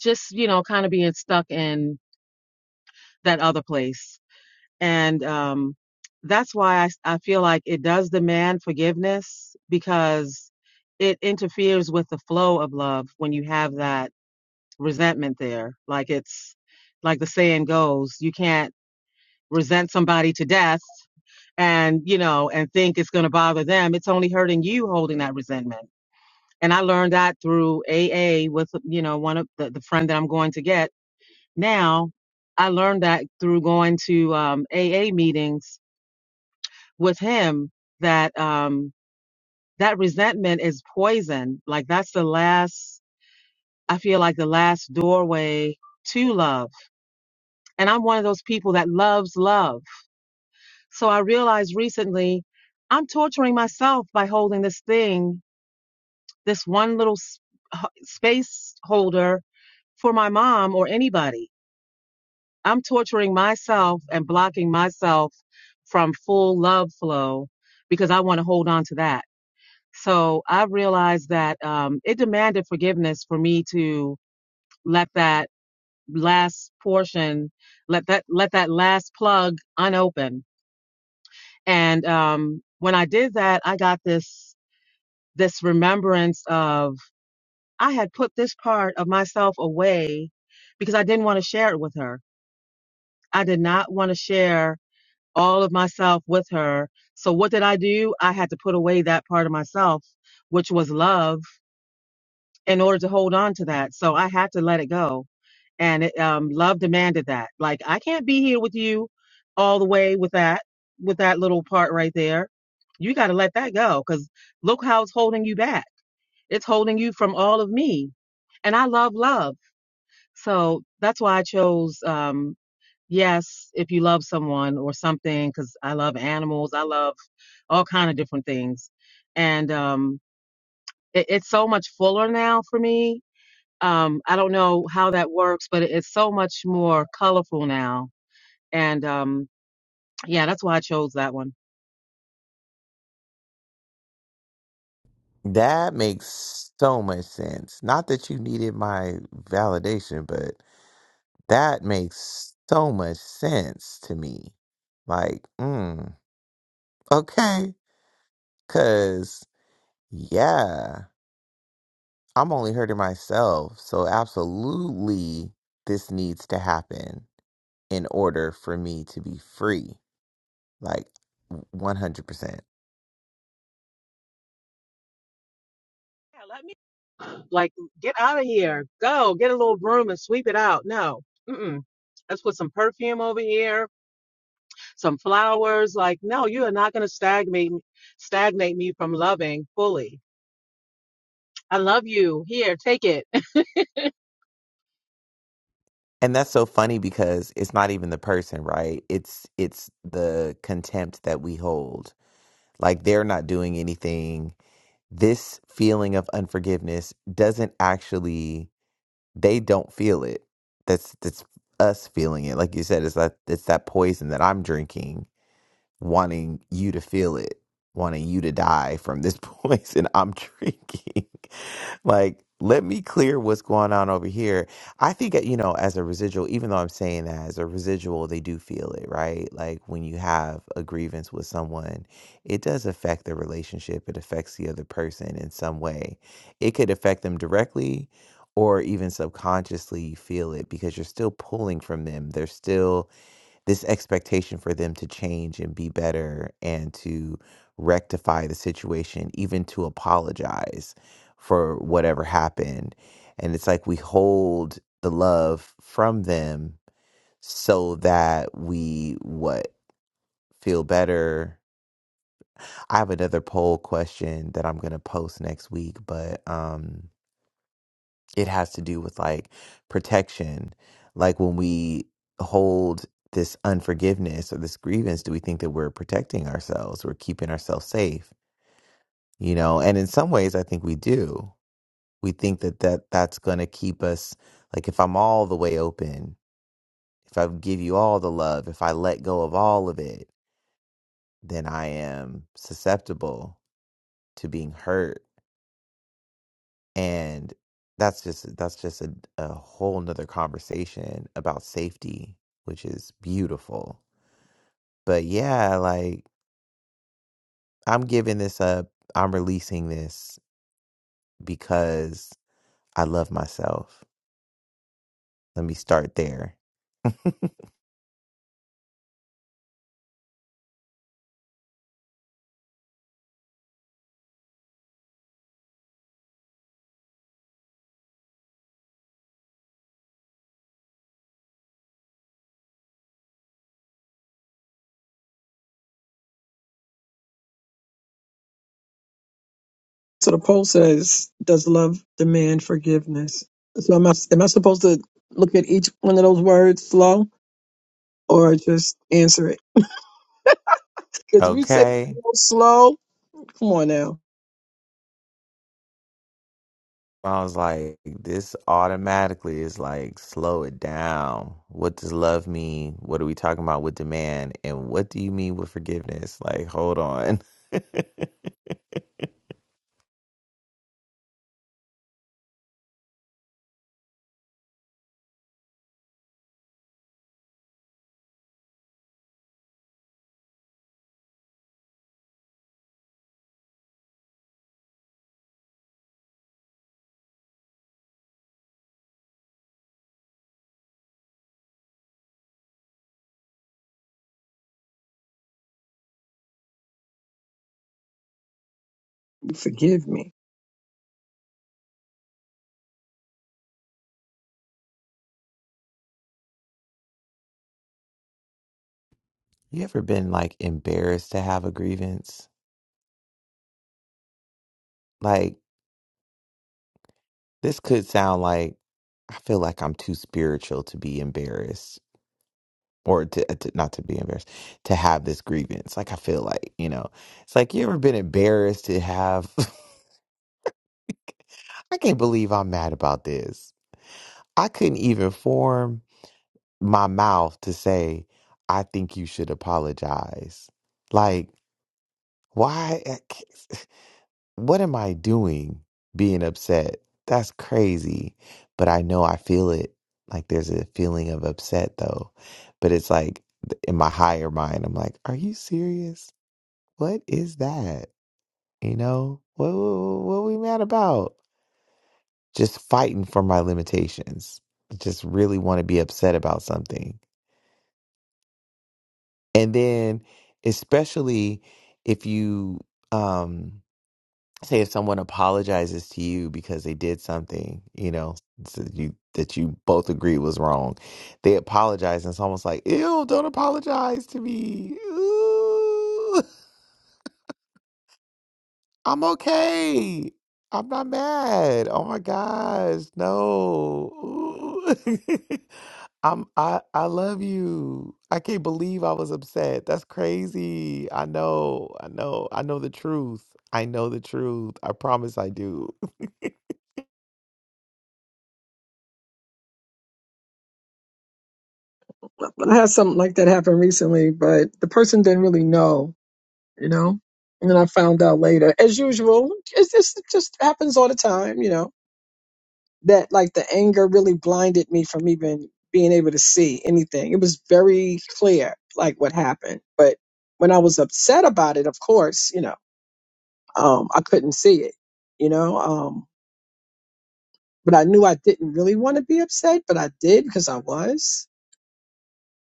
G: just you know kind of being stuck in that other place and um, that's why I, I feel like it does demand forgiveness because it interferes with the flow of love when you have that resentment there like it's like the saying goes you can't resent somebody to death and you know and think it's going to bother them it's only hurting you holding that resentment and i learned that through aa with you know one of the, the friend that i'm going to get now i learned that through going to um, aa meetings with him that um, that resentment is poison like that's the last i feel like the last doorway to love and i'm one of those people that loves love so i realized recently i'm torturing myself by holding this thing this one little space holder for my mom or anybody. I'm torturing myself and blocking myself from full love flow because I want to hold on to that. So I realized that um, it demanded forgiveness for me to let that last portion, let that let that last plug unopened. And um, when I did that, I got this this remembrance of I had put this part of myself away because I didn't want to share it with her. I did not want to share all of myself with her. So what did I do? I had to put away that part of myself, which was love, in order to hold on to that. So I had to let it go. And it, um, love demanded that. Like, I can't be here with you all the way with that, with that little part right there. You got to let that go because look how it's holding you back. It's holding you from all of me and I love love. So that's why I chose um, yes, if you love someone or something, because I love animals, I love all kind of different things, and um, it, it's so much fuller now for me. Um, I don't know how that works, but it, it's so much more colorful now, and um, yeah, that's why I chose that one.
A: That makes so much sense. Not that you needed my validation, but that makes so much sense to me. Like, mm, okay. Cause yeah, I'm only hurting myself. So absolutely this needs to happen. in order for me to be free like 100%
G: Yeah, let me like get out of here. Go get a little broom and sweep it out. No, mm-mm. let's put some perfume over here some flowers. Like, no, you are not going to stagnate stagnate me from loving fully. I love you. Here, take it.
A: and that's so funny because it's not even the person right it's it's the contempt that we hold like they're not doing anything this feeling of unforgiveness doesn't actually they don't feel it that's that's us feeling it like you said it's that it's that poison that i'm drinking wanting you to feel it wanting you to die from this poison i'm drinking like, let me clear what's going on over here. I think, uh, you know, as a residual, even though I'm saying that as a residual, they do feel it, right? Like when you have a grievance with someone, it does affect the relationship, it affects the other person in some way. It could affect them directly. Or even subconsciously, you feel it because you're still pulling from them. They're still this expectation for them to change and be better and to rectify the situation, even to apologize for whatever happened. And it's like we hold the love from them so that we what feel better. I have another poll question that I'm going to post next week, but um it has to do with like protection like when we hold this unforgiveness or this grievance do we think that we're protecting ourselves we're keeping ourselves safe you know and in some ways i think we do we think that, that that's going to keep us like if i'm all the way open if i give you all the love if i let go of all of it then i am susceptible to being hurt and that's just that's just a, a whole nother conversation about safety which is beautiful but yeah like i'm giving this up i'm releasing this because i love myself let me start there
F: So the poll says, "Does love demand forgiveness?" So am I am I supposed to look at each one of those words slow, or just answer it? Because if you say
A: okay
F: real slow, come on now,
A: i was like this automatically is like slow it down what does love mean what are we talking about with demand and what do you mean with forgiveness like hold on
F: forgive me.
A: You ever been like embarrassed to have a grievance? Like, this could sound like I feel like I'm too spiritual to be embarrassed or to, uh, to not to be embarrassed to have this grievance. Like, I feel like, you know, it's like you ever been embarrassed to have, I can't believe I'm mad about this. I couldn't even form my mouth to say, I think you should apologize. Like, why? what am I doing being upset? That's crazy. But I know I feel it. Like there's a feeling of upset though. But it's like th- in my higher mind, I'm like, are you serious? What is that? You know, what, what, what we mad about? Just fighting for my limitations. Just really want to be upset about something. And then, especially if you, um, say if someone apologizes to you because they did something, you know, that you that you both agree was wrong, they apologize, and it's almost like, ew, don't apologize to me. Ooh, I'm okay. I'm not mad. Oh my gosh, no. Ooh. I'm I I love you. I can't believe I was upset. That's crazy. I know. I know. I know the truth. I know the truth. I promise I do.
F: But I had something like that happen recently, but the person didn't really know, you know. And then I found out later, as usual. It's just it just happens all the time, you know that like the anger really blinded me from even being able to see anything. It was very clear like what happened. But when I was upset about it, of course, you know, um, I couldn't see it, you know, um, but I knew I didn't really want to be upset, but I did because I was.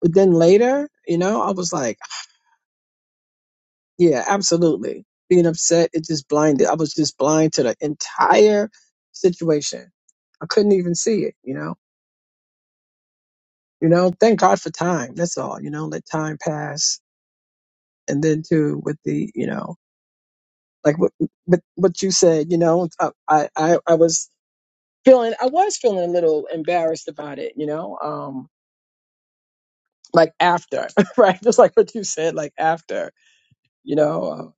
F: But then later, you know, I was like, yeah, absolutely. Being upset, it just blinded. I was just blind to the entire situation. I couldn't even see it, you know You know, thank God for time. That's all. You know, let time pass, and then too with the you know, like what what, what you said. You know, I, I I I was feeling I was feeling a little embarrassed about it. You know, um, like after right, just like what you said, like after. You know, uh,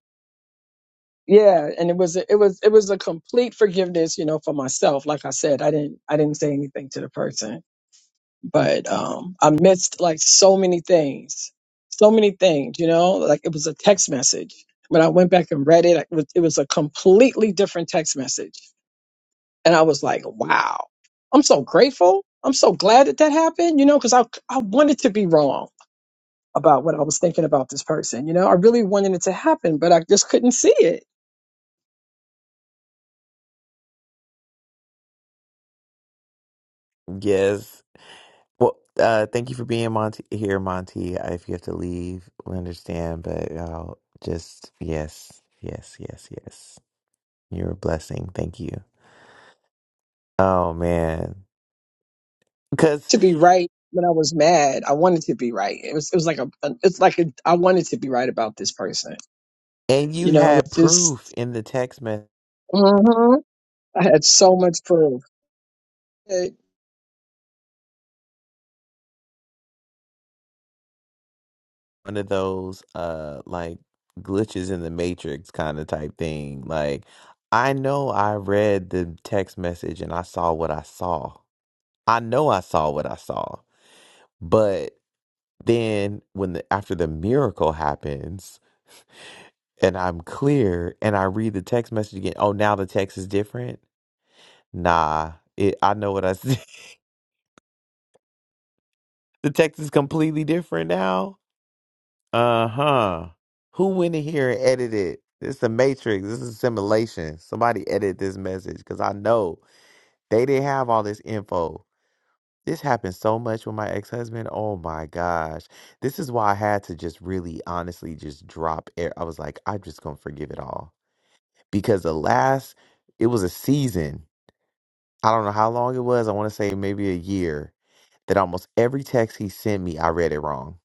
F: yeah, and it was it was it was a complete forgiveness. You know, for myself. Like I said, I didn't I didn't say anything to the person but um, I missed like so many things, so many things. You know, like it was a text message. When I went back and read it, it was, it was a completely different text message, and I was like, "Wow, I'm so grateful. I'm so glad that that happened." You know, because I I wanted to be wrong about what I was thinking about this person. You know, I really wanted it to happen, but I just couldn't see it.
A: Yes. Well, uh, thank you for being Monty here, Monty. uh, If you have to leave, we understand, but I'll just yes, yes, yes, yes. You're a blessing. Thank you. Oh man, because
F: to be right when I was mad. I wanted to be right. It was it was like a it's like a, I wanted to be right about this person.
A: and you
F: You know, it
A: had
F: was
A: proof
F: just
A: in the text message,
F: Mhm. I had so much proof. It-
A: one of those uh like glitches in the matrix kind of type thing. Like I know I read the text message and I saw what I saw. I know I saw what I saw, but. Then when the after the miracle happens and I'm clear and I read the text message again, oh now the text is different. Nah, it I know what I said. the text is completely different now. Uh-huh. Who went in here and edited? This is a matrix. This is simulation. Somebody edit this message because I know they didn't have all this info. This happened so much with my ex-husband. Oh my gosh. This is why I had to just really honestly just drop it. I was like, I'm just gonna forgive it all because the last it was a season. I don't know how long it was. I want to say maybe a year that almost every text he sent me, I read it wrong.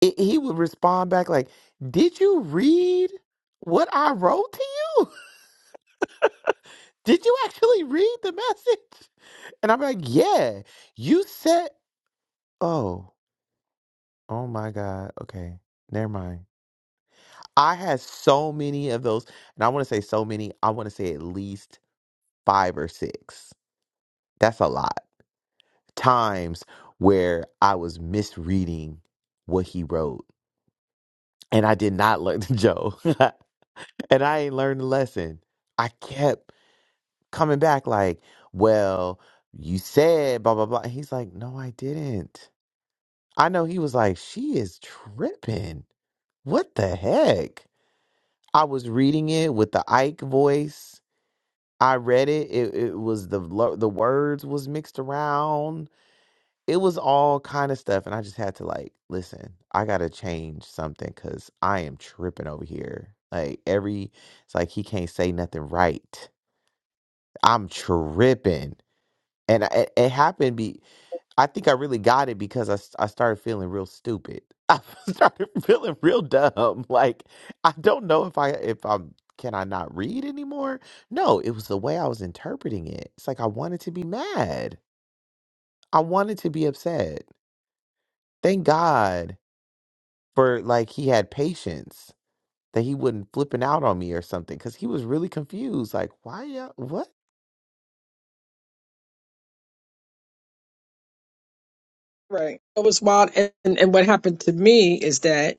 A: It, he would respond back like, "Did you read what I wrote to you? Did you actually read the message?" And I'm like, "Yeah, you said." Oh, oh my God. Okay, never mind. I had so many of those, and I want to say so many. I want to say at least five or six. That's a lot times where I was misreading what he wrote and I did not learn Joe. and I ain't learned the lesson. I kept coming back like, well, you said blah blah blah. And he's like, no, I didn't. I know he was like, she is tripping. What the heck? I was reading it with the Ike voice. I read it. It, it was the lo- the words was mixed around it was all kind of stuff and i just had to like listen i gotta change something because i am tripping over here like every it's like he can't say nothing right i'm tripping and I, it, it happened be i think i really got it because i, s- I started feeling real stupid i started feeling real dumb like i don't know if i if i'm can i not read anymore no it was the way i was interpreting it it's like i wanted to be mad i wanted to be upset thank god for like he had patience that he wouldn't flipping out on me or something because he was really confused like why you all what
F: right. It was wild. And, and and what happened to me is that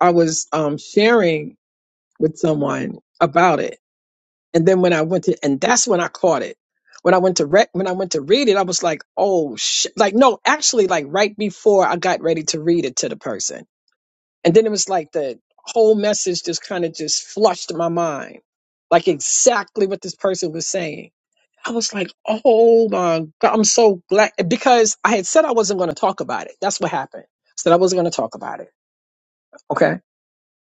F: I was um sharing with someone about it, and then when I went to and that's when I caught it. When I went to re- when I went to read it, I was like, "Oh shit!" Like, no, actually, like right before I got ready to read it to the person, And then it was like the whole message just kind of just flushed my mind, like exactly what this person was saying. I was like, oh my God, I'm so glad because I had said I wasn't going to talk about it. That's what happened. I said I wasn't going to talk about it. Okay.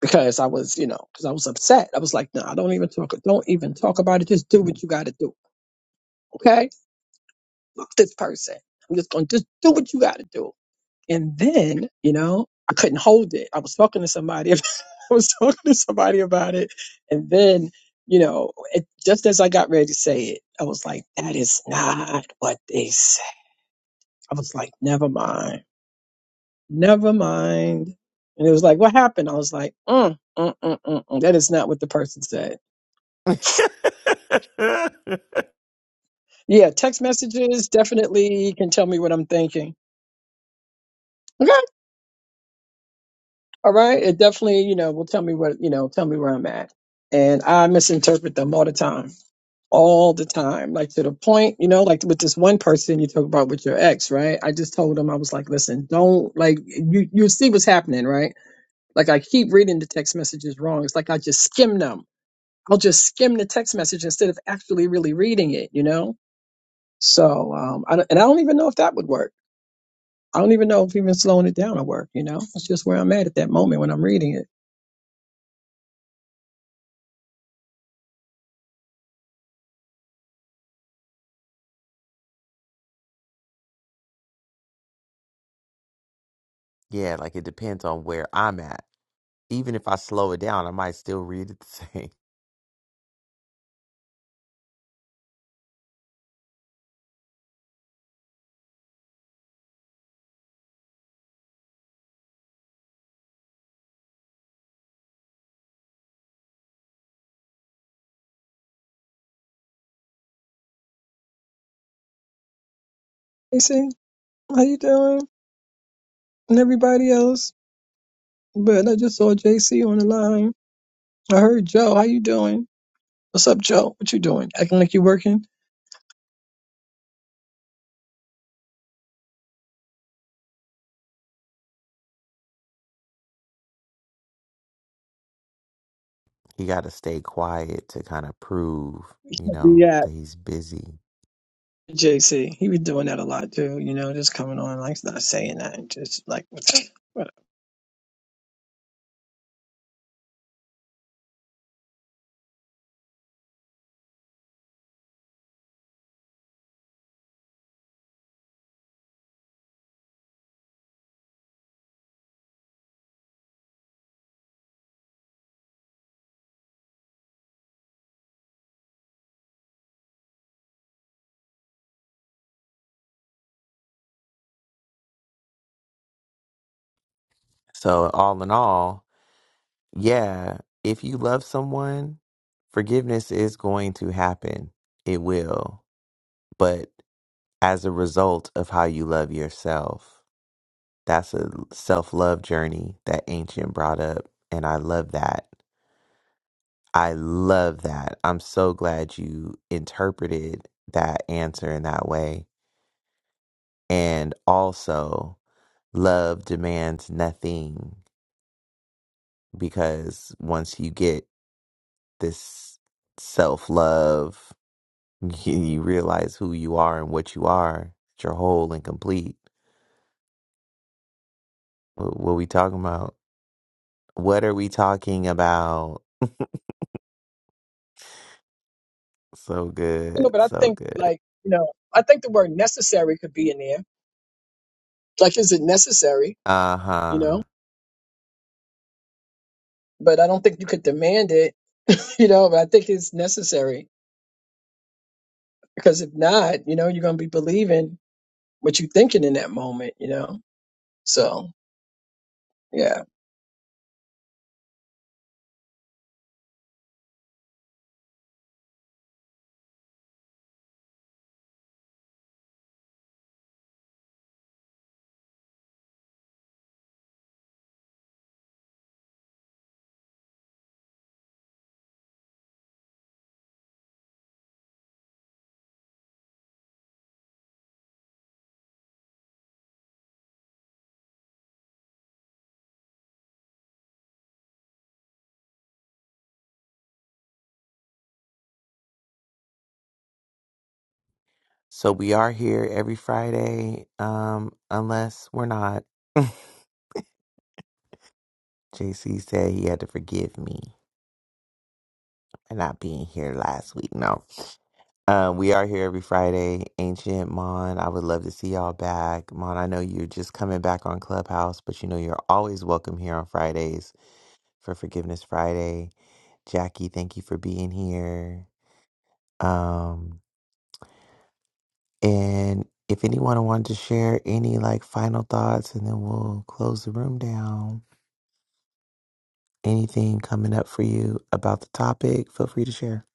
F: Because I was, you know, because I was upset. I was like, no, nah, don't even talk. Don't even talk about it. Just do what you got to do. Okay. Fuck this person. I'm just going to just do what you got to do. And then, you know, I couldn't hold it. I was talking to somebody. I was talking to somebody about it. And then, you know, it, just as I got ready to say it, I was like, that is not what they said. I was like, never mind. Never mind. And it was like, what happened? I was like, mm, mm, mm, mm, mm. that is not what the person said. Yeah, text messages definitely can tell me what I'm thinking. Okay. All right. It definitely, you know, will tell me what, you know, tell me where I'm at. And I misinterpret them all the time all the time, like to the point, you know, like with this one person you talk about with your ex, right? I just told him I was like, listen, don't like you you see what's happening, right? Like I keep reading the text messages wrong. It's like I just skim them. I'll just skim the text message instead of actually really reading it, you know? So um I don't, and I don't even know if that would work. I don't even know if even slowing it down would work, you know? It's just where I'm at at that moment when I'm reading it.
A: yeah like it depends on where i'm at even if i slow it down i might still read it the same
F: JC, how you doing? And everybody else. But I just saw JC on the line. I heard Joe. How you doing? What's up, Joe? What you doing? Acting like you working?
A: he got to stay quiet to kind of prove you know
F: Yeah,
A: that he's busy
F: JC. He was doing that a lot too. You know, just coming on like not saying that, just like whatever.
A: so all in all yeah if you love someone forgiveness is going to happen it will but as a result of how you love yourself That's a self love journey that Ancient brought up. And I love that. I love that. I'm so glad you interpreted that answer in that way. And also, love demands nothing because once you get this self love, you realize who you are and what you are, you're whole and complete. What, what we talking about? What are we talking about? So
F: No,
A: good,
F: but I
A: so
F: think
A: good.
F: like you know, I think the word necessary could be in there. Like, is it necessary? You
A: Uh-huh.
F: know. but I don't think you could demand it, you know, but I think it's necessary because if not, you know, you're going to be believing what you're thinking in that moment, you know? So, yeah.
A: So we are here every Friday, um, unless we're not. JC said he had to forgive me for not being here last week. No. Um, we are here every Friday. Ancient Mon, I would love to see y'all back. Mon, I know you're just coming back on Clubhouse, but you know you're always welcome here on Fridays for Forgiveness Friday. Jackie, thank you for being here. Um. And if anyone wanted to share any like final thoughts, and then we'll close the room down. Anything coming up for you about the topic, feel free to share.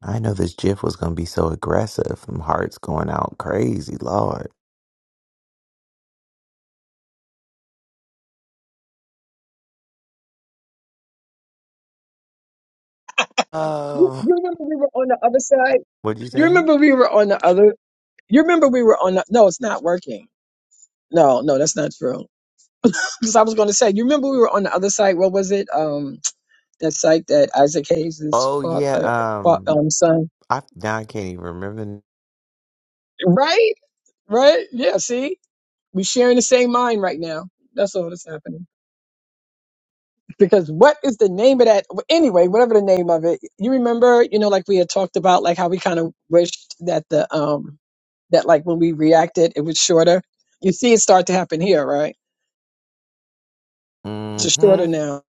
A: I know this GIF was going to be so aggressive. My heart's going out crazy, Lord.
F: You,
A: Oh,
F: you remember we were on the other side?
A: what'd you
F: You
A: say?
F: remember we were on the other, you remember we were on the, no, it's not working. No, no, that's not true. Because I was going to say, you remember we were on the other side? What was it? Um, that site that Isaac Hayes'
A: Oh yeah.
F: father, fa-
A: Um,
F: um, son.
A: I now I can't even remember.
F: Right? Right? Yeah, see? We're sharing the same mind right now. That's all that's happening. because what is the name of that anyway whatever the name of it you remember you know like we had talked about like how we kind of wished that the um that like when we reacted it was shorter you see it start to happen here right it's just
A: Mm-hmm.
F: shorter now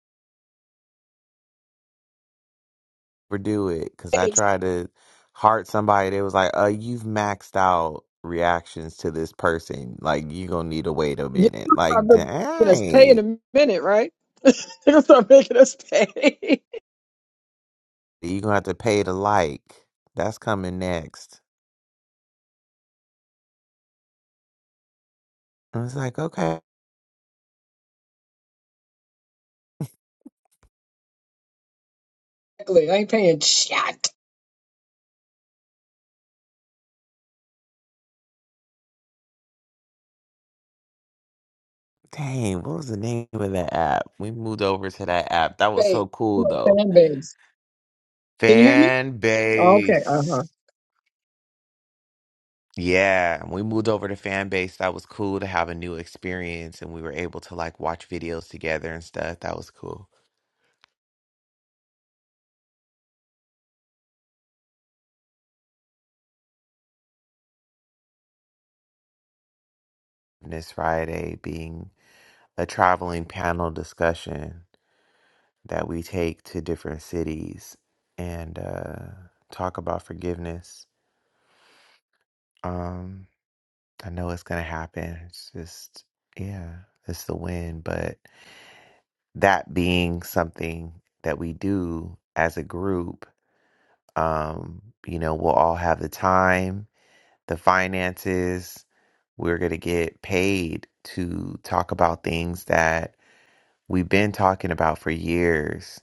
A: overdo it because I
F: Hey,
A: tried to heart somebody that was like, "Uh, you've maxed out reactions to this person. Like, you gonna need to wait a
F: you
A: minute.
F: start
A: Like,
F: making us pay in
A: dang,
F: a minute right they're gonna start making us pay
A: you gonna have to pay to like. That's coming next." I was like, "Okay,
F: exactly i ain't paying shit
A: dang, what was the name of that app? We moved over to that app. That was
F: babe
A: so
F: You
A: cool,
F: know,
A: though.
F: fan babes can you hear me
A: Fan
F: okay
A: base."
F: uh-huh
A: Yeah, we moved over to fan base. That was cool to have a new experience, and we were able to like watch videos together and stuff. That was cool. this Friday being a traveling panel discussion that we take to different cities and uh, talk about forgiveness. Um, I know it's gonna happen. It's just yeah, it's the win. But that being something that we do as a group, um, you know, we'll all have the time, the finances. We're gonna get paid to talk about things that we've been talking about for years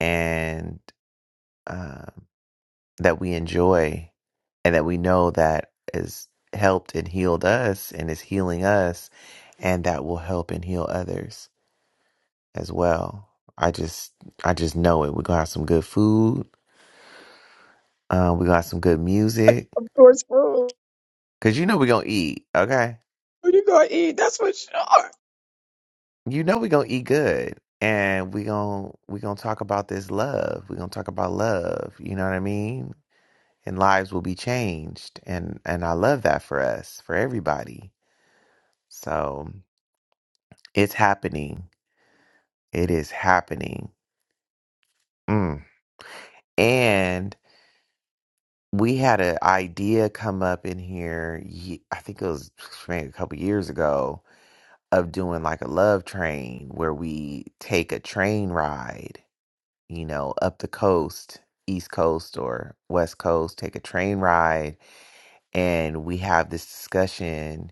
A: and um, that we enjoy and that we know that has helped and healed us and is healing us and that will help and heal others as well i just i just know it we're gonna have some good food um, we got some good music
F: of course food.
A: because you know we're gonna eat okay
F: what you gonna eat that's for sure
A: you know we're gonna eat good and we gonna we gonna talk about this love we're gonna talk about love you know what i mean and lives will be changed and and I love that for us for everybody so it's happening it is happening mm. and we had an idea come up in here ye- I think it was maybe a couple years ago of doing like a love train where we take a train ride you know up the coast east coast or west coast take a train ride and we have this discussion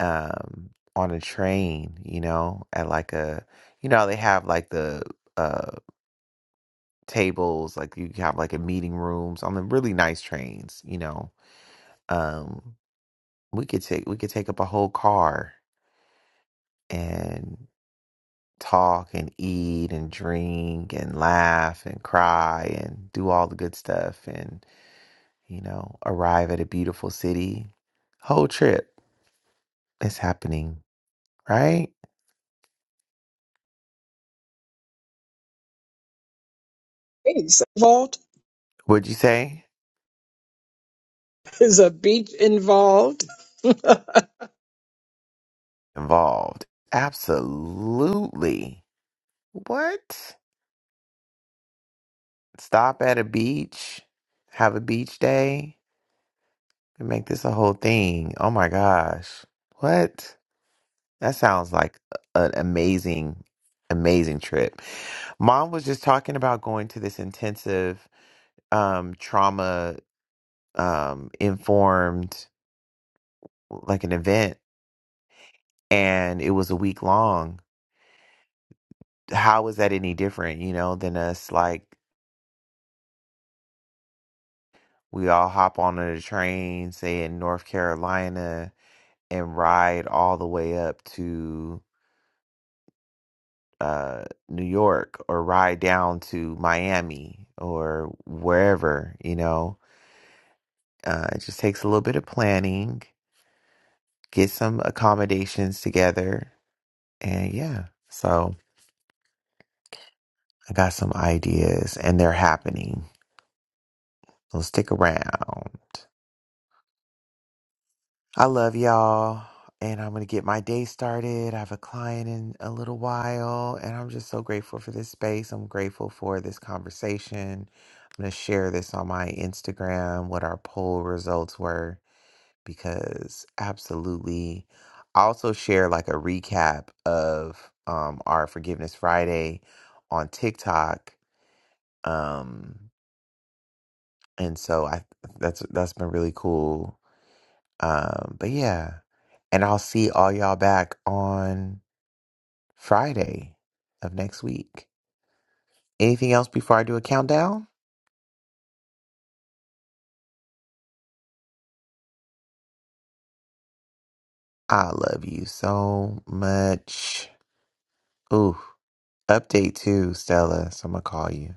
A: um on a train, you know, at like a you know, they have like the uh tables, like you have like a meeting rooms on the really nice trains, you know. Um we could take we could take up a whole car and talk and eat and drink and laugh and cry and do all the good stuff and you know, arrive at a beautiful city. Whole trip is happening, right?
F: Hey, it's involved.
A: Would you say?
F: Is a beach involved?
A: involved. Absolutely. What? Stop at a beach, have a beach day, and make this a whole thing. Oh my gosh. What? That sounds like an amazing, amazing trip. Mom was just talking about going to this intensive um, trauma um, informed, like an event, and it was a week long. How is that any different, you know, than us like We all hop on a train, say in North Carolina, and ride all the way up to uh, New York or ride down to Miami or wherever, you know. Uh, it just takes a little bit of planning, get some accommodations together, and yeah. So I got some ideas and they're happening. So stick around. I love y'all. And I'm going to get my day started. I have a client in a little while. And I'm just so grateful for this space. I'm grateful for this conversation. I'm going to share this on my Instagram, what our poll results were, because absolutely. I also share like a recap of um, our Forgiveness Friday on TikTok. Um, and so I that's that's been really cool um, but yeah, and I'll see all y'all back on Friday of next week. Anything else before I do a countdown? I love you so much. Ooh, update too, Stella. So I'm gonna call you.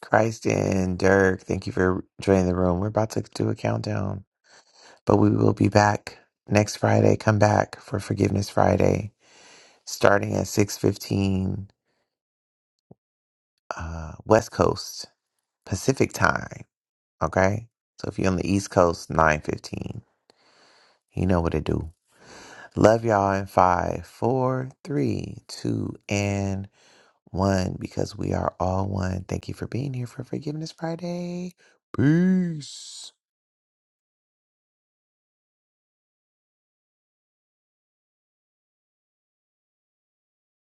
A: Christ and Dirk, thank you for joining the room. We're about to do a countdown, but we will be back next Friday. Come back for Forgiveness Friday, starting at 6:15 uh, West Coast Pacific time. Okay? So if you're on the East Coast, 915. You know what to do. Love y'all in five, four, three, two, and one, because we are all one. Thank you for being here for Forgiveness Friday. Peace.